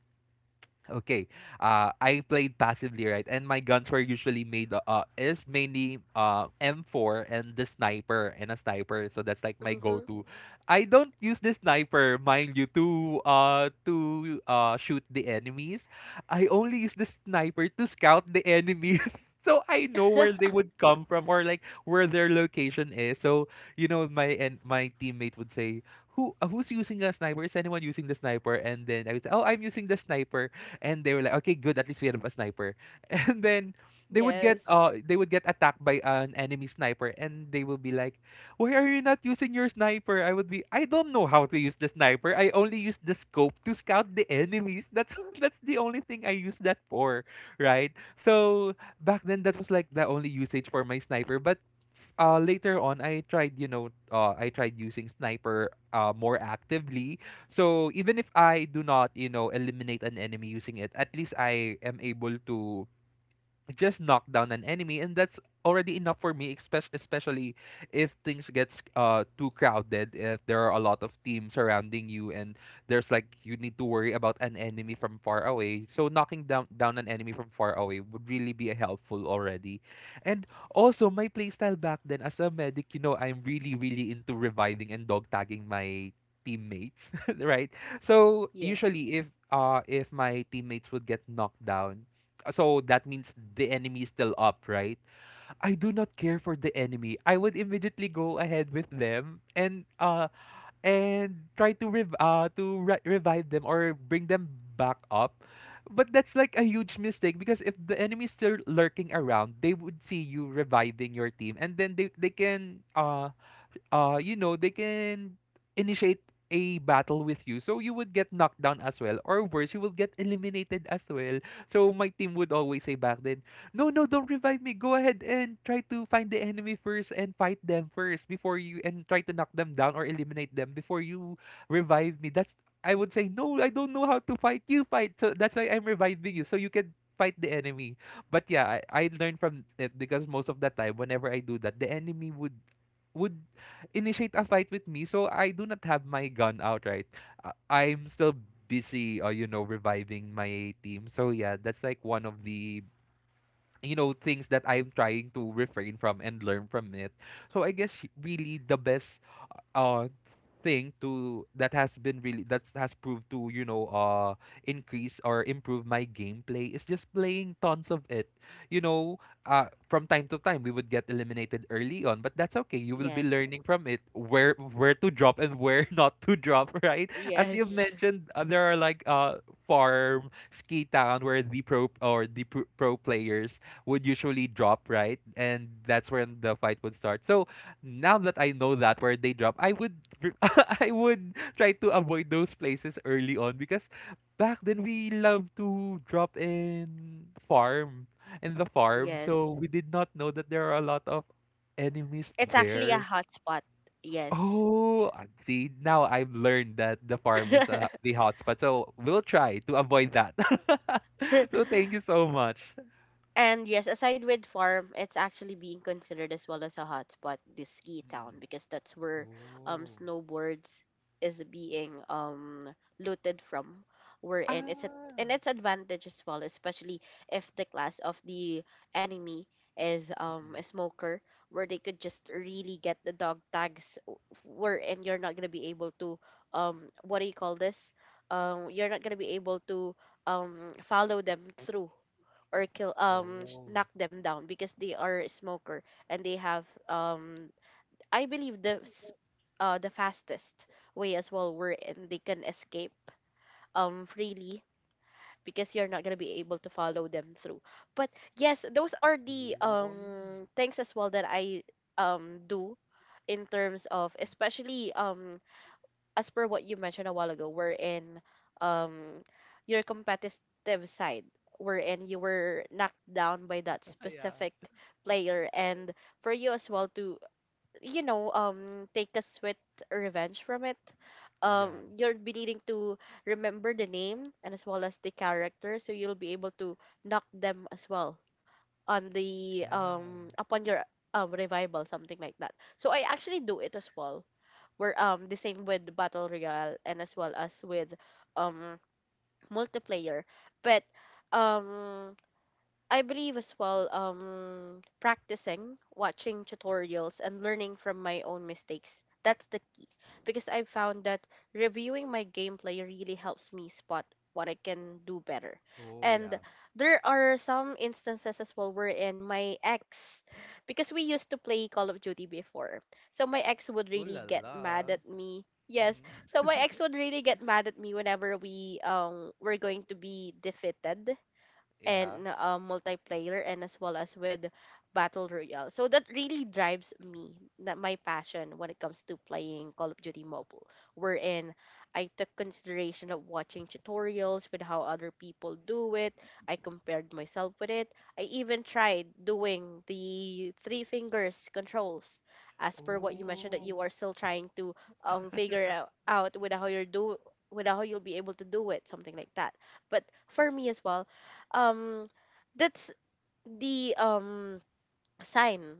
[SPEAKER 2] Okay. I played passively, right? And my guns were usually made is mainly M4 and the sniper and a sniper. So that's like my
[SPEAKER 1] Mm-hmm.
[SPEAKER 2] go-to. I don't use the sniper, mind you, to shoot the enemies. I only use the sniper to scout the enemies. So I know where they would come from or like where their location is. So you know my teammate would say, "Who who's using a sniper? Is anyone using the sniper?" And then I would say, "Oh, I'm using the sniper." And they were like, okay, good. At least we have a sniper. And then
[SPEAKER 1] Yes.
[SPEAKER 2] they would get attacked by an enemy sniper, and they will be like, why are you not using your sniper? I would be, I don't know how to use the sniper. I only use the scope to scout the enemies. That's that's the only thing I use that for, right? So back then that was like the only usage for my sniper. But later on I tried, you know, I tried using sniper more actively. So even if I do not, you know, eliminate an enemy using it, at least I am able to just knock down an enemy, and that's already enough for me. Especially if things gets too crowded, if there are a lot of teams surrounding you and there's like you need to worry about an enemy from far away, so knocking down an enemy from far away would really be helpful already. And also my playstyle back then as a medic, you know, I'm really into reviving and dog tagging my teammates, right? So
[SPEAKER 1] Yes.
[SPEAKER 2] usually if my teammates would get knocked down, so that means the enemy is still up, right? I do not care for the enemy. I would immediately go ahead with them and try to revive them or bring them back up. But that's like a huge mistake, because if the enemy is still lurking around, they would see you reviving your team, and then they can you know they can initiate a battle with you, so you would get knocked down as well, or worse, you will get eliminated as well. So my team would always say back then, no, no, don't revive me, go ahead and try to find the enemy first and fight them first before you, and try to knock them down or eliminate them before you revive me. That's, I would say, no, I don't know how to fight, you fight, so that's why I'm reviving you, so you can fight the enemy. But yeah, I learned from it, because most of the time whenever I do that the enemy would initiate a fight with me, so I do not have my gun outright. I'm still busy, you know, reviving my team. So yeah, that's like one of the you know things that I'm trying to refrain from and learn from it. So I guess really the best uh thing to that has been really that has proved to you know increase or improve my gameplay is just playing tons of it, you know. From time to time we would get eliminated early on, but that's okay, you will be
[SPEAKER 1] Yes.
[SPEAKER 2] learning from it where to drop and where not to drop, right? As you've
[SPEAKER 1] Yes.
[SPEAKER 2] mentioned, there are like farm, ski town, where the pro players would usually drop, right? And that's when the fight would start. So now that I know that where they drop, I would re- I would try to avoid those places early on, because back then we love to drop in farm in the farm,
[SPEAKER 1] Yes,
[SPEAKER 2] so we did not know that there are a lot of enemies
[SPEAKER 1] it's actually
[SPEAKER 2] there.
[SPEAKER 1] a hotspot. Yes.
[SPEAKER 2] Oh, see, now I've learned that the farm is the hotspot, so we'll try to avoid that. So thank you so much.
[SPEAKER 1] And yes, aside with farm, it's actually being considered as well as a hotspot, this ski town,
[SPEAKER 2] Mm-mm.
[SPEAKER 1] because that's where
[SPEAKER 2] Oh.
[SPEAKER 1] snowboards is being looted from. Wherein it's a
[SPEAKER 2] Ah.
[SPEAKER 1] and it's advantage as well, especially if the class of the enemy is
[SPEAKER 2] Mm-mm.
[SPEAKER 1] a smoker, where they could just really get the dog tags, wherein you're not gonna be able to what do you call this? You're not gonna be able to follow them through or kill
[SPEAKER 2] Oh.
[SPEAKER 1] knock them down because they are a smoker and they have I believe the the fastest way as well wherein they can escape freely because you're not gonna be able to follow them through. But yes, those are the
[SPEAKER 2] Oh.
[SPEAKER 1] things as well that I do in terms of
[SPEAKER 2] Mm.
[SPEAKER 1] especially as per what you mentioned a while ago, wherein um your competitive side, wherein you were knocked down by that
[SPEAKER 2] Yeah.
[SPEAKER 1] specific player, and for you as well to you know take a sweet revenge from it.
[SPEAKER 2] Yeah.
[SPEAKER 1] You'll be needing to remember the name and as well as the character, so you'll be able to knock them as well on the
[SPEAKER 2] Yeah.
[SPEAKER 1] upon your revival, something like that. So I actually do it as well were the same with battle royale and as well as with um multiplayer. But um I believe as well, practicing, watching tutorials, and learning from my own mistakes. That's the key. Because I've found that reviewing my gameplay really helps me spot what I can do better.
[SPEAKER 2] Oh,
[SPEAKER 1] And
[SPEAKER 2] yeah.
[SPEAKER 1] there are some instances as well wherein my ex, because we used to play Call of Duty before, so my ex would
[SPEAKER 2] Ooh
[SPEAKER 1] really
[SPEAKER 2] la
[SPEAKER 1] get
[SPEAKER 2] la.
[SPEAKER 1] mad at me. Yes,
[SPEAKER 2] Mm-hmm.
[SPEAKER 1] so my ex would really get mad at me whenever we were going to be defeated
[SPEAKER 2] Yeah.
[SPEAKER 1] and multiplayer and as well as with battle royale, so that really drives me, that my passion when it comes to playing Call of Duty Mobile, wherein I took consideration of watching tutorials with how other people do it. I compared myself with it. I even tried doing the three fingers controls as per what you mentioned that
[SPEAKER 2] Oh.
[SPEAKER 1] you are still trying to figure out with how you're do with how you'll be able to do it, something like that. But for me as well, um that's the sign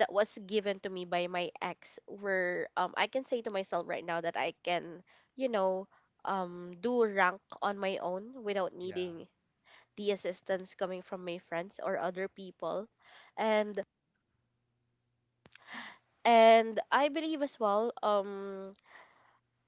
[SPEAKER 1] that was given to me by my ex, where I can say to myself right now that I can, you know, do rank on my own without
[SPEAKER 2] Yeah.
[SPEAKER 1] needing the assistance coming from my friends or other people. And and I believe as well,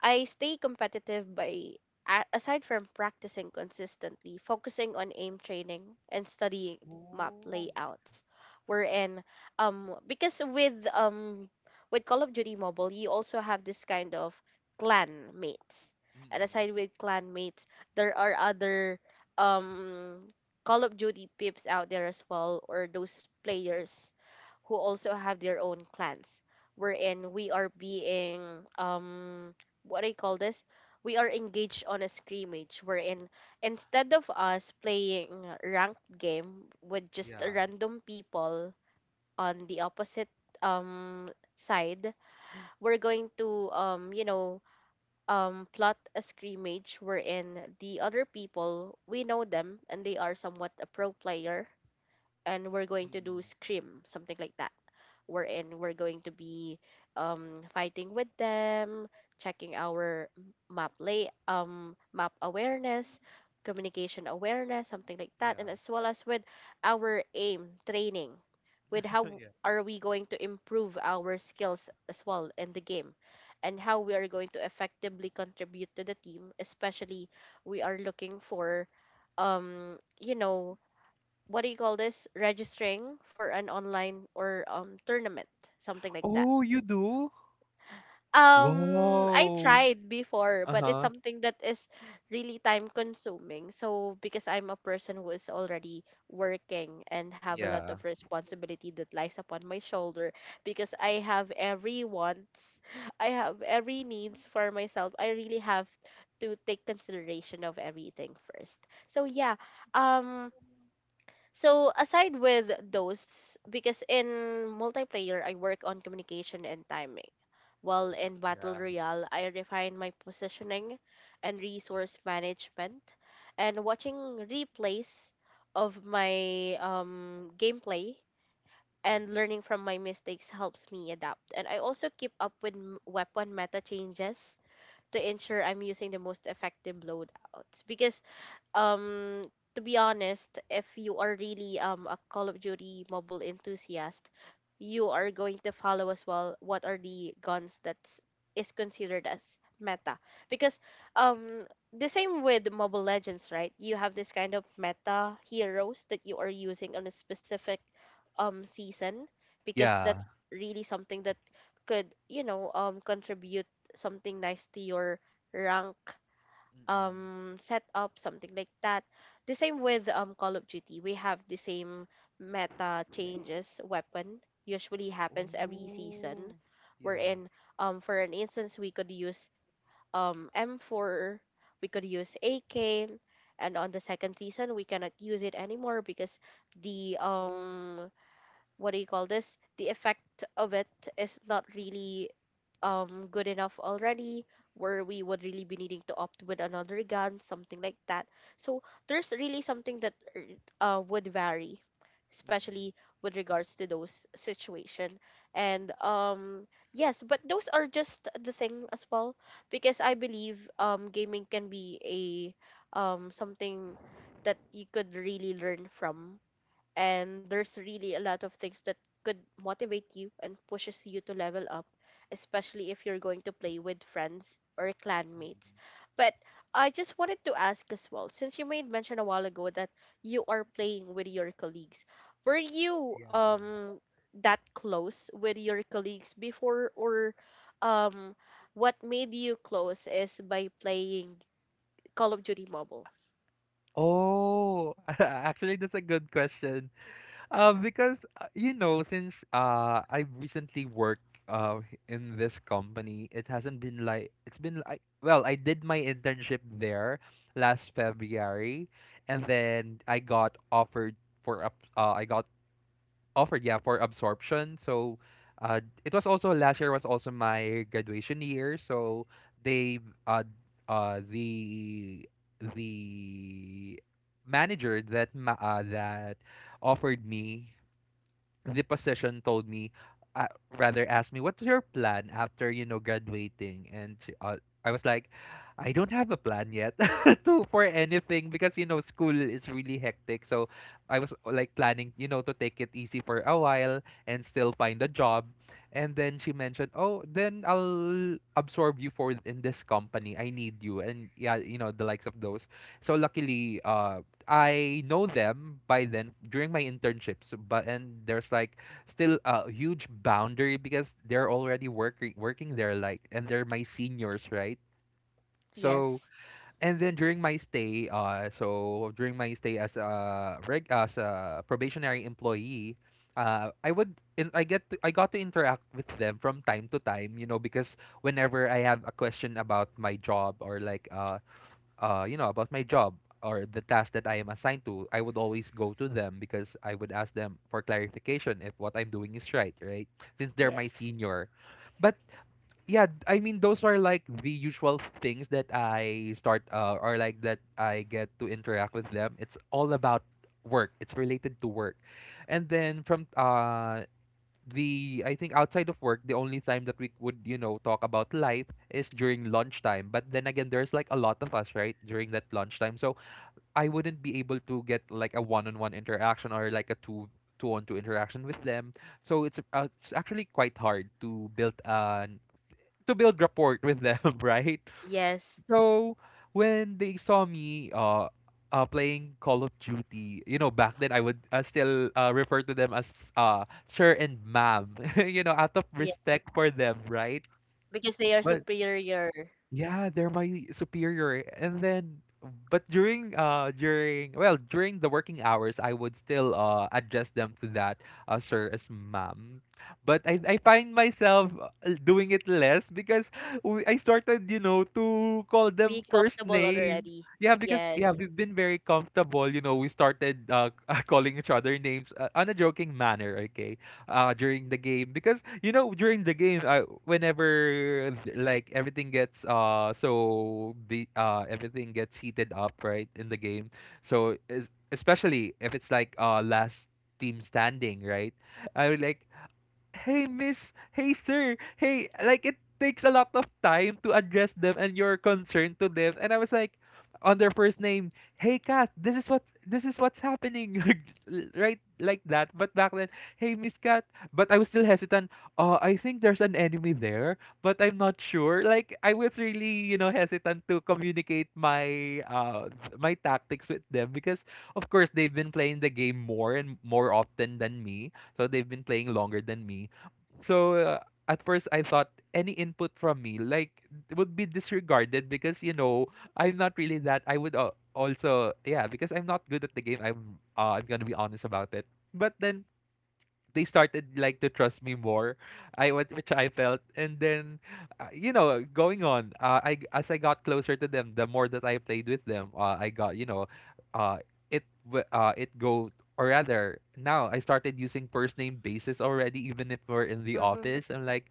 [SPEAKER 1] I stay competitive by, aside from practicing consistently, focusing on aim training and studying map
[SPEAKER 2] Oh.
[SPEAKER 1] layouts. Wherein, because with Call of Duty Mobile, you also have this kind of clan mates, and
[SPEAKER 2] Mm-mm.
[SPEAKER 1] aside with clan mates, there are other um Call of Duty pips out there as well, or those players who also have their own clans, wherein we are being um what do you call this, we are engaged on a scrimmage, wherein instead of us playing ranked game with just
[SPEAKER 2] Yeah.
[SPEAKER 1] random people on the opposite um side, we're going to you know plot a scrimmage wherein the other people, we know them, and they are somewhat a pro player, and we're going to do
[SPEAKER 2] Mm-mm.
[SPEAKER 1] scrim, something like that. Wherein we're going to be fighting with them, checking our map lay map awareness, communication awareness, something like
[SPEAKER 2] Yeah.
[SPEAKER 1] that, and as well as with our aim training, with how
[SPEAKER 2] Yeah.
[SPEAKER 1] are we going to improve our skills as well in the game and how we are going to effectively contribute to the team, especially we are looking for you know what do you call this, registering for an online or tournament, something like that.
[SPEAKER 2] Oh, you do?
[SPEAKER 1] I
[SPEAKER 2] Wow.
[SPEAKER 1] tried before, but it's
[SPEAKER 2] Uh-huh.
[SPEAKER 1] something that is really time consuming, so because I'm a person who is already working and have a lot
[SPEAKER 2] Yeah.
[SPEAKER 1] of responsibility that lies upon my shoulder, because I have every wants, I have every needs for myself, I really have to take consideration of everything first. So yeah. um so aside with those, because in multiplayer I work on communication and timing, while in battle
[SPEAKER 2] Yeah.
[SPEAKER 1] royale I refine my positioning and resource management, and watching replays of my gameplay and
[SPEAKER 2] Mm-mm.
[SPEAKER 1] learning from my mistakes helps me adapt. And I also keep up with weapon meta changes to ensure I'm using the most effective loadouts, because um to be honest, if you are really a Call of Duty Mobile enthusiast, you are going to follow as well what are the guns that is considered as meta, because um the same with Mobile Legends, right? You have this kind of meta heroes that you are using on a specific season, because that's
[SPEAKER 2] Yeah.
[SPEAKER 1] really something that could you know contribute something nice to your rank
[SPEAKER 2] Mm-mm.
[SPEAKER 1] set up, something like that. The same with Call of Duty, we have the same meta changes weapon usually happens every season,
[SPEAKER 2] Oh. Yeah.
[SPEAKER 1] wherein for an instance we could use m4, we could use ak, and on the second season we cannot use it anymore because the what do you call this, the effect of it is not really good enough already, where we would really be needing to opt with another gun, something like that. So there's really something that would vary,
[SPEAKER 2] Mm-mm.
[SPEAKER 1] especially with regards to those situation. And yes, but those are just the thing as well, because I believe gaming can be a something that you could really learn from, and there's really a lot of things that could motivate you and pushes you to level up, especially if you're going to play with friends or clanmates.
[SPEAKER 2] Mm-mm.
[SPEAKER 1] But I just wanted to ask as well, since you made mention a while ago that you are playing with your colleagues, were you
[SPEAKER 2] Yeah.
[SPEAKER 1] that close with your colleagues before, or um what made you close is by playing Call of Duty Mobile?
[SPEAKER 2] Oh, actually, that's a good question. Because you know, since I've recently worked in this company, it hasn't been like well, I did my internship there last February, and then I got offered, yeah, for absorption. So, it was also last year, was also my graduation year. So they uh the the manager that offered me the position told me, uh, rather asked me, "What's your plan after you know graduating?" And I was like, "I don't have a plan yet to for anything because you know school is really hectic." So I was like planning, you know, to take it easy for a while and still find a job. And then she mentioned, "Oh, then I'll absorb you for in this company. I need you." And yeah, you know the likes of those. So luckily, I know them by then during my internships, so- but and there's like still a huge boundary because they're already working working there like, and they're my seniors, right? So
[SPEAKER 1] Yes.
[SPEAKER 2] and then during my stay, as a probationary employee, I would in I get to, I got to interact with them from time to time, you know, because whenever I have a question about my job or like you know, about my job or the task that I am assigned to, I would always go to them because I would ask them for clarification if what I'm doing is right, right? Since they're my
[SPEAKER 1] Yes.
[SPEAKER 2] senior. But yeah, I mean, those are like the usual things that I start or like that I get to interact with them. It's all about work. It's related to work. And then from the I think outside of work, the only time that we would, you know, talk about life is during lunchtime. But then again, there's like a lot of us, right, during that lunchtime. So I wouldn't be able to get like a one-on-one interaction or like a two two-on-two interaction with them. So it's actually quite hard to build rapport with them, right?
[SPEAKER 1] Yes,
[SPEAKER 2] So when they saw me playing Call of Duty, you know, back then I would still refer to them as sir and ma'am, you know, out of respect for them, right?
[SPEAKER 1] because they are
[SPEAKER 2] But
[SPEAKER 1] superior.
[SPEAKER 2] yeah, they're my superior. And then but during during the working hours I would still address them to that sir as ma'am. But I find myself doing it less because I started, you know, to call them
[SPEAKER 1] Be
[SPEAKER 2] first
[SPEAKER 1] comfortable
[SPEAKER 2] name.
[SPEAKER 1] already.
[SPEAKER 2] Yeah, because yeah,
[SPEAKER 1] Yes.
[SPEAKER 2] we've been very comfortable, you know, we started calling each other names on a joking manner, okay? During the game, because you know during the game whenever like everything gets so the everything gets heated up, right, in the game. So especially if it's like last team standing, right, I would like, "Hey miss, hey sir, hey," like it takes a lot of time to address them and your concern to them. And I was like, on their first name, "Hey Kat, this is what's happening," right, like that. But back then, "Hey miss Kat." But I was still hesitant. I think there's an enemy there, but I'm not sure. Like I was really, you know, hesitant to communicate my tactics with them because of course they've been playing the game more and more often than me, so they've been playing longer than me. So, at first I thought any input from me would be disregarded because you know I'm not really that. I would also yeah, because I'm not good at the game. I'm gonna be honest about it. But then they started like to trust me more, I what which I felt. And then you know, going on, I as I got closer to them, the more that I played with them, I got, you know, uh it w- it go or rather now I started using first name basis already even if we're in the
[SPEAKER 1] Mm-hmm.
[SPEAKER 2] office. I'm like,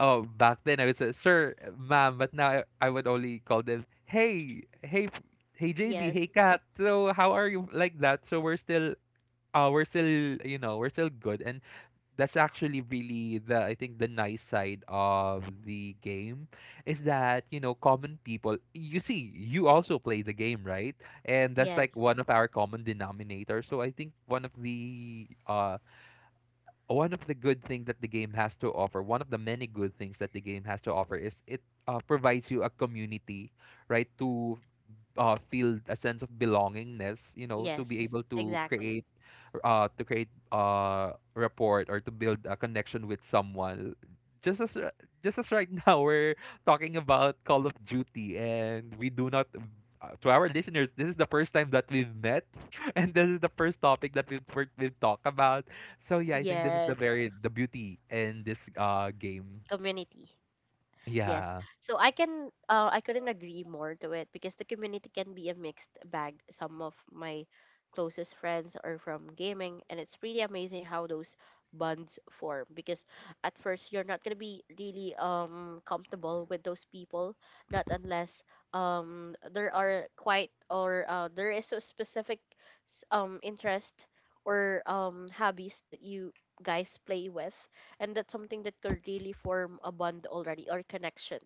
[SPEAKER 2] oh, back then I would say sir ma'am, but now I would only call them, "Hey hey JV,
[SPEAKER 1] Yes.
[SPEAKER 2] hey Kat, so how are you," like that. So we're still uh, we're still you know, we're still good. And that's actually really the, I think, the nice side of the game, is that, you know, common people you see, you also play the game, right? And that's like
[SPEAKER 1] Yes.
[SPEAKER 2] one of our common denominators. So I think one of the good things that the game has to offer one of the many good things that the game has to offer is it provides you a community, right, to feel a sense of belongingness, you know, to be
[SPEAKER 1] Yes.
[SPEAKER 2] able to
[SPEAKER 1] Exactly.
[SPEAKER 2] create report, or to build a connection with someone, just as r- just as right now we're talking about Call of Duty, and we do not, to our listeners, this is the first time that we've met and this is the first topic that we've talked about. So yeah, I think this is the
[SPEAKER 1] Yes.
[SPEAKER 2] very, the beauty in this game.
[SPEAKER 1] Community. Yes.
[SPEAKER 2] Yeah.
[SPEAKER 1] So I can I couldn't agree more to it, because the community can be a mixed bag. Some of my closest friends are from gaming, and it's pretty amazing how those bonds form, because at first you're not going to be really comfortable with those people, not unless there are quite or there is a specific interest or hobbies that you guys play with, and that's something that could really form a bond already or connection,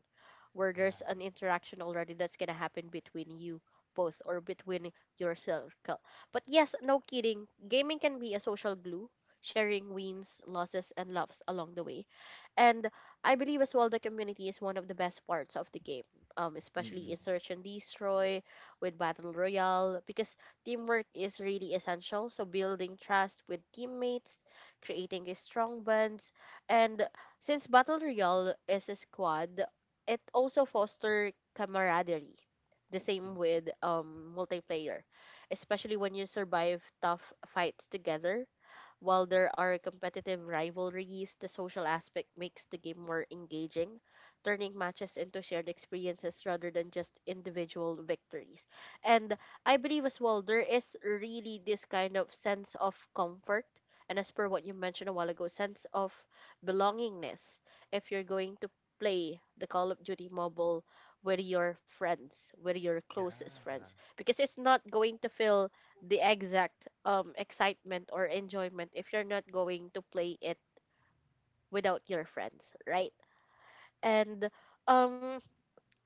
[SPEAKER 1] where there's
[SPEAKER 2] Yeah.
[SPEAKER 1] an interaction already that's gonna happen between you both or between your circle. But yes, no kidding, gaming can be a social glue, sharing wins, losses, and loves along the way. And I believe as well the community is one of the best parts of the game, especially in
[SPEAKER 2] Mm-mm.
[SPEAKER 1] Search and Destroy with Battle Royale, because teamwork is really essential. So building trust with teammates, creating a strong bonds, and since Battle Royale is a squad, it also foster camaraderie. The same
[SPEAKER 2] Mm,
[SPEAKER 1] with multiplayer, especially when you survive tough fights together, while there are competitive rivalries, the social aspect makes the game more engaging, turning matches into shared experiences rather than just individual victories. And I believe as well there is really this kind of sense of comfort. And as per what you mentioned a while ago, sense of belongingness, if you're going to play the Call of Duty Mobile with your friends, with your closest friends,
[SPEAKER 2] yeah.
[SPEAKER 1] because it's not going to feel the exact excitement or enjoyment if you're not going to play it without your friends, right? And um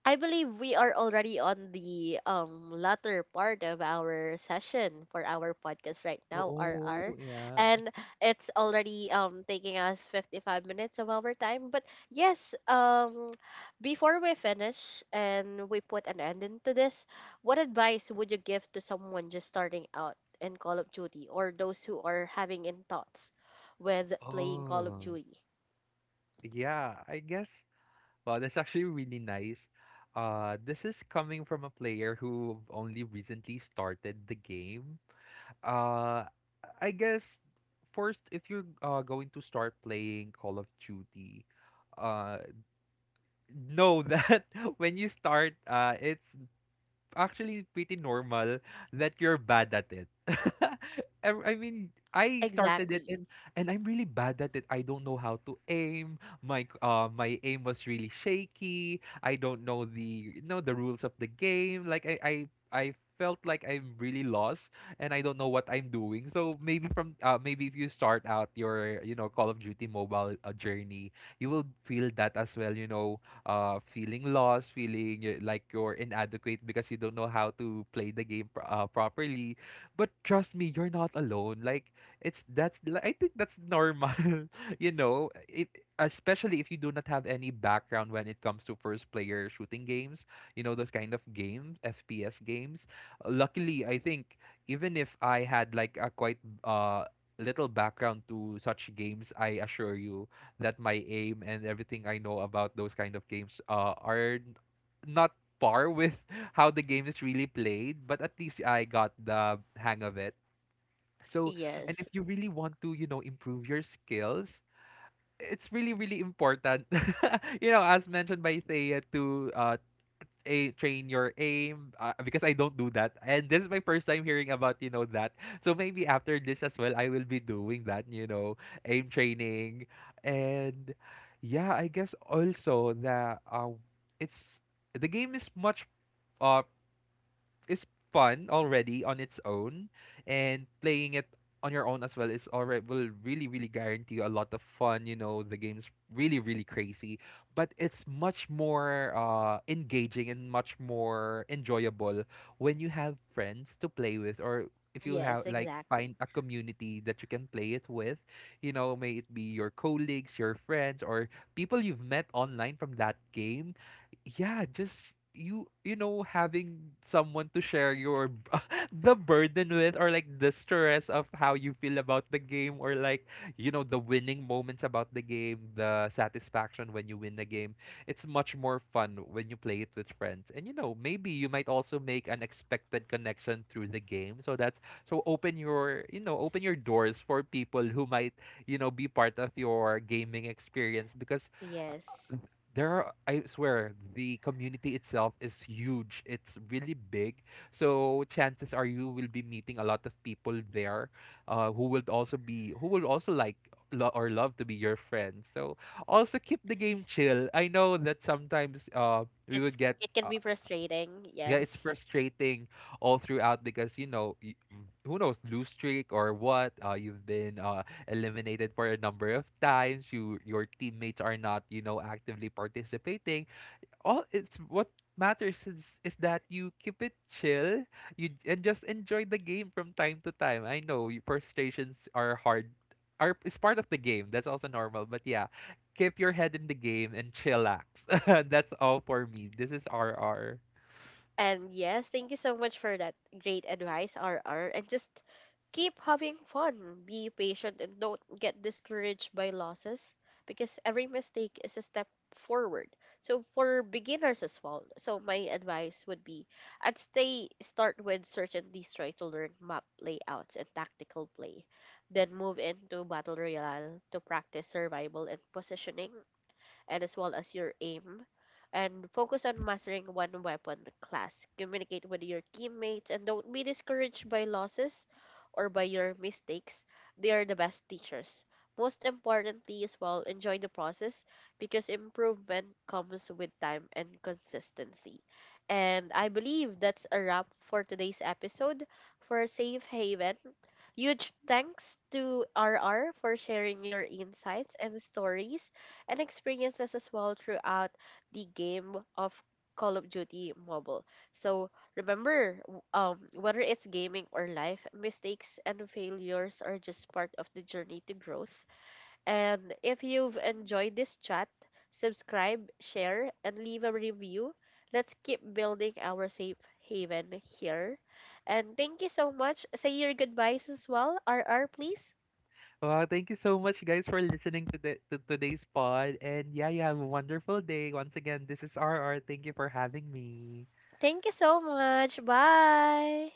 [SPEAKER 1] I believe we are already on the latter part of our session for our podcast right now, RR.
[SPEAKER 2] Oh yeah.
[SPEAKER 1] And it's already taking us 55 minutes of our time. But yes, before we finish and we put an end into this, what advice would you give to someone just starting out in Call of Duty or those who are having in thoughts with playing Call of
[SPEAKER 2] Oh
[SPEAKER 1] Duty?
[SPEAKER 2] yeah, I guess. Wow, that's actually really nice. This is coming from a player who only recently started the game. Uh, I guess, first, if you're going to start playing Call of Duty, uh, know that when you start, it's actually pretty normal that you're bad at it. I mean, I started it,
[SPEAKER 1] Exactly.
[SPEAKER 2] and I'm really bad at it. I don't know how to aim. My aim was really shaky. I don't know the, you know, the rules of the game. I felt like I'm really lost, and I don't know what I'm doing. So maybe from maybe if you start out your, you know, Call of Duty mobile journey, you will feel that as well, you know, feeling lost, feeling like you're inadequate because you don't know how to play the game properly. But trust me, you're not alone. Like I think that's normal, you know. If, especially if you do not have any background when it comes to first player shooting games, you know, those kind of games, FPS games. Luckily, I think even if I had like a quite little background to such games, I assure you that my aim and everything I know about those kind of games not par with how the game is really played, but at least I got the hang of it. So, and
[SPEAKER 1] Yes.
[SPEAKER 2] if you really want to, you know, improve your skills, it's really really important you know, as mentioned by Thea, to a train your aim, because I don't do that. And this is my first time hearing about, you know, that. So maybe after this as well, I will be doing that, you know, aim training. And yeah, I guess also that it's the game is much uh is fun already on its own, and playing it on your own as well is already, will really really guarantee you a lot of fun. You know, the game's really really crazy, but it's much more engaging and much more enjoyable when you have friends to play with, or if you have
[SPEAKER 1] Yes,
[SPEAKER 2] like,
[SPEAKER 1] exactly.
[SPEAKER 2] find a community that you can play it with, you know, may it be your colleagues, your friends, or people you've met online from that game. Yeah, just you know, having someone to share your the burden with, or like the stress of how you feel about the game, or like, you know, the winning moments about the game, the satisfaction when you win the game. It's much more fun when you play it with friends, and you know, maybe you might also make an expected connection through the game. So that's, so open your, you know, open your doors for people who might, you know, be part of your gaming experience, because
[SPEAKER 1] Yes.
[SPEAKER 2] there are, I swear, the community itself is huge. It's really big. So chances are you will be meeting a lot of people there, who will also like lo- or love to be your friends. So also keep the game chill. I know that sometimes we
[SPEAKER 1] It's,
[SPEAKER 2] would get
[SPEAKER 1] it can be frustrating,
[SPEAKER 2] yeah, it's
[SPEAKER 1] yes.
[SPEAKER 2] frustrating all throughout, because you know who knows, lose streak or what. You've been eliminated for a number of times. Your teammates are not, you know, actively participating. All, it's what matters is that you keep it chill. You j- and just enjoy the game from time to time. I know frustrations are hard are is part of the game, that's also normal, but yeah, keep your head in the game and chillax. That's all for me, this is RR.
[SPEAKER 1] And yes, thank you so much for that great advice, RR. And just keep having fun, be patient, and don't get discouraged by losses, because every mistake is a step forward. So for beginners as well, so my advice would be, I'd stay start with Search and Destroy to learn map layouts and tactical play, then move into Battle Royale to practice survival and positioning, and as well as your aim. And focus on mastering one weapon class. Communicate with your teammates and don't be discouraged by losses or by your mistakes. They are the best teachers. Most importantly, as well, enjoy the process because improvement comes with time and consistency. And I believe that's a wrap for today's episode for Safe Haven. Huge thanks to RR for sharing your insights and stories and experiences as well throughout the game of Call of Duty Mobile. So remember, whether it's gaming or life, mistakes and failures are just part of the journey to growth. And if you've enjoyed this chat, subscribe, share, and leave a review. Let's keep building our safe haven here. And thank you so much. Say your goodbyes as well, RR, please.
[SPEAKER 2] Wow, thank you so much, guys, for listening to, to today's pod. And yeah, you have a wonderful day. Once again, this is RR. Thank you for having me.
[SPEAKER 1] Thank you so much. Bye.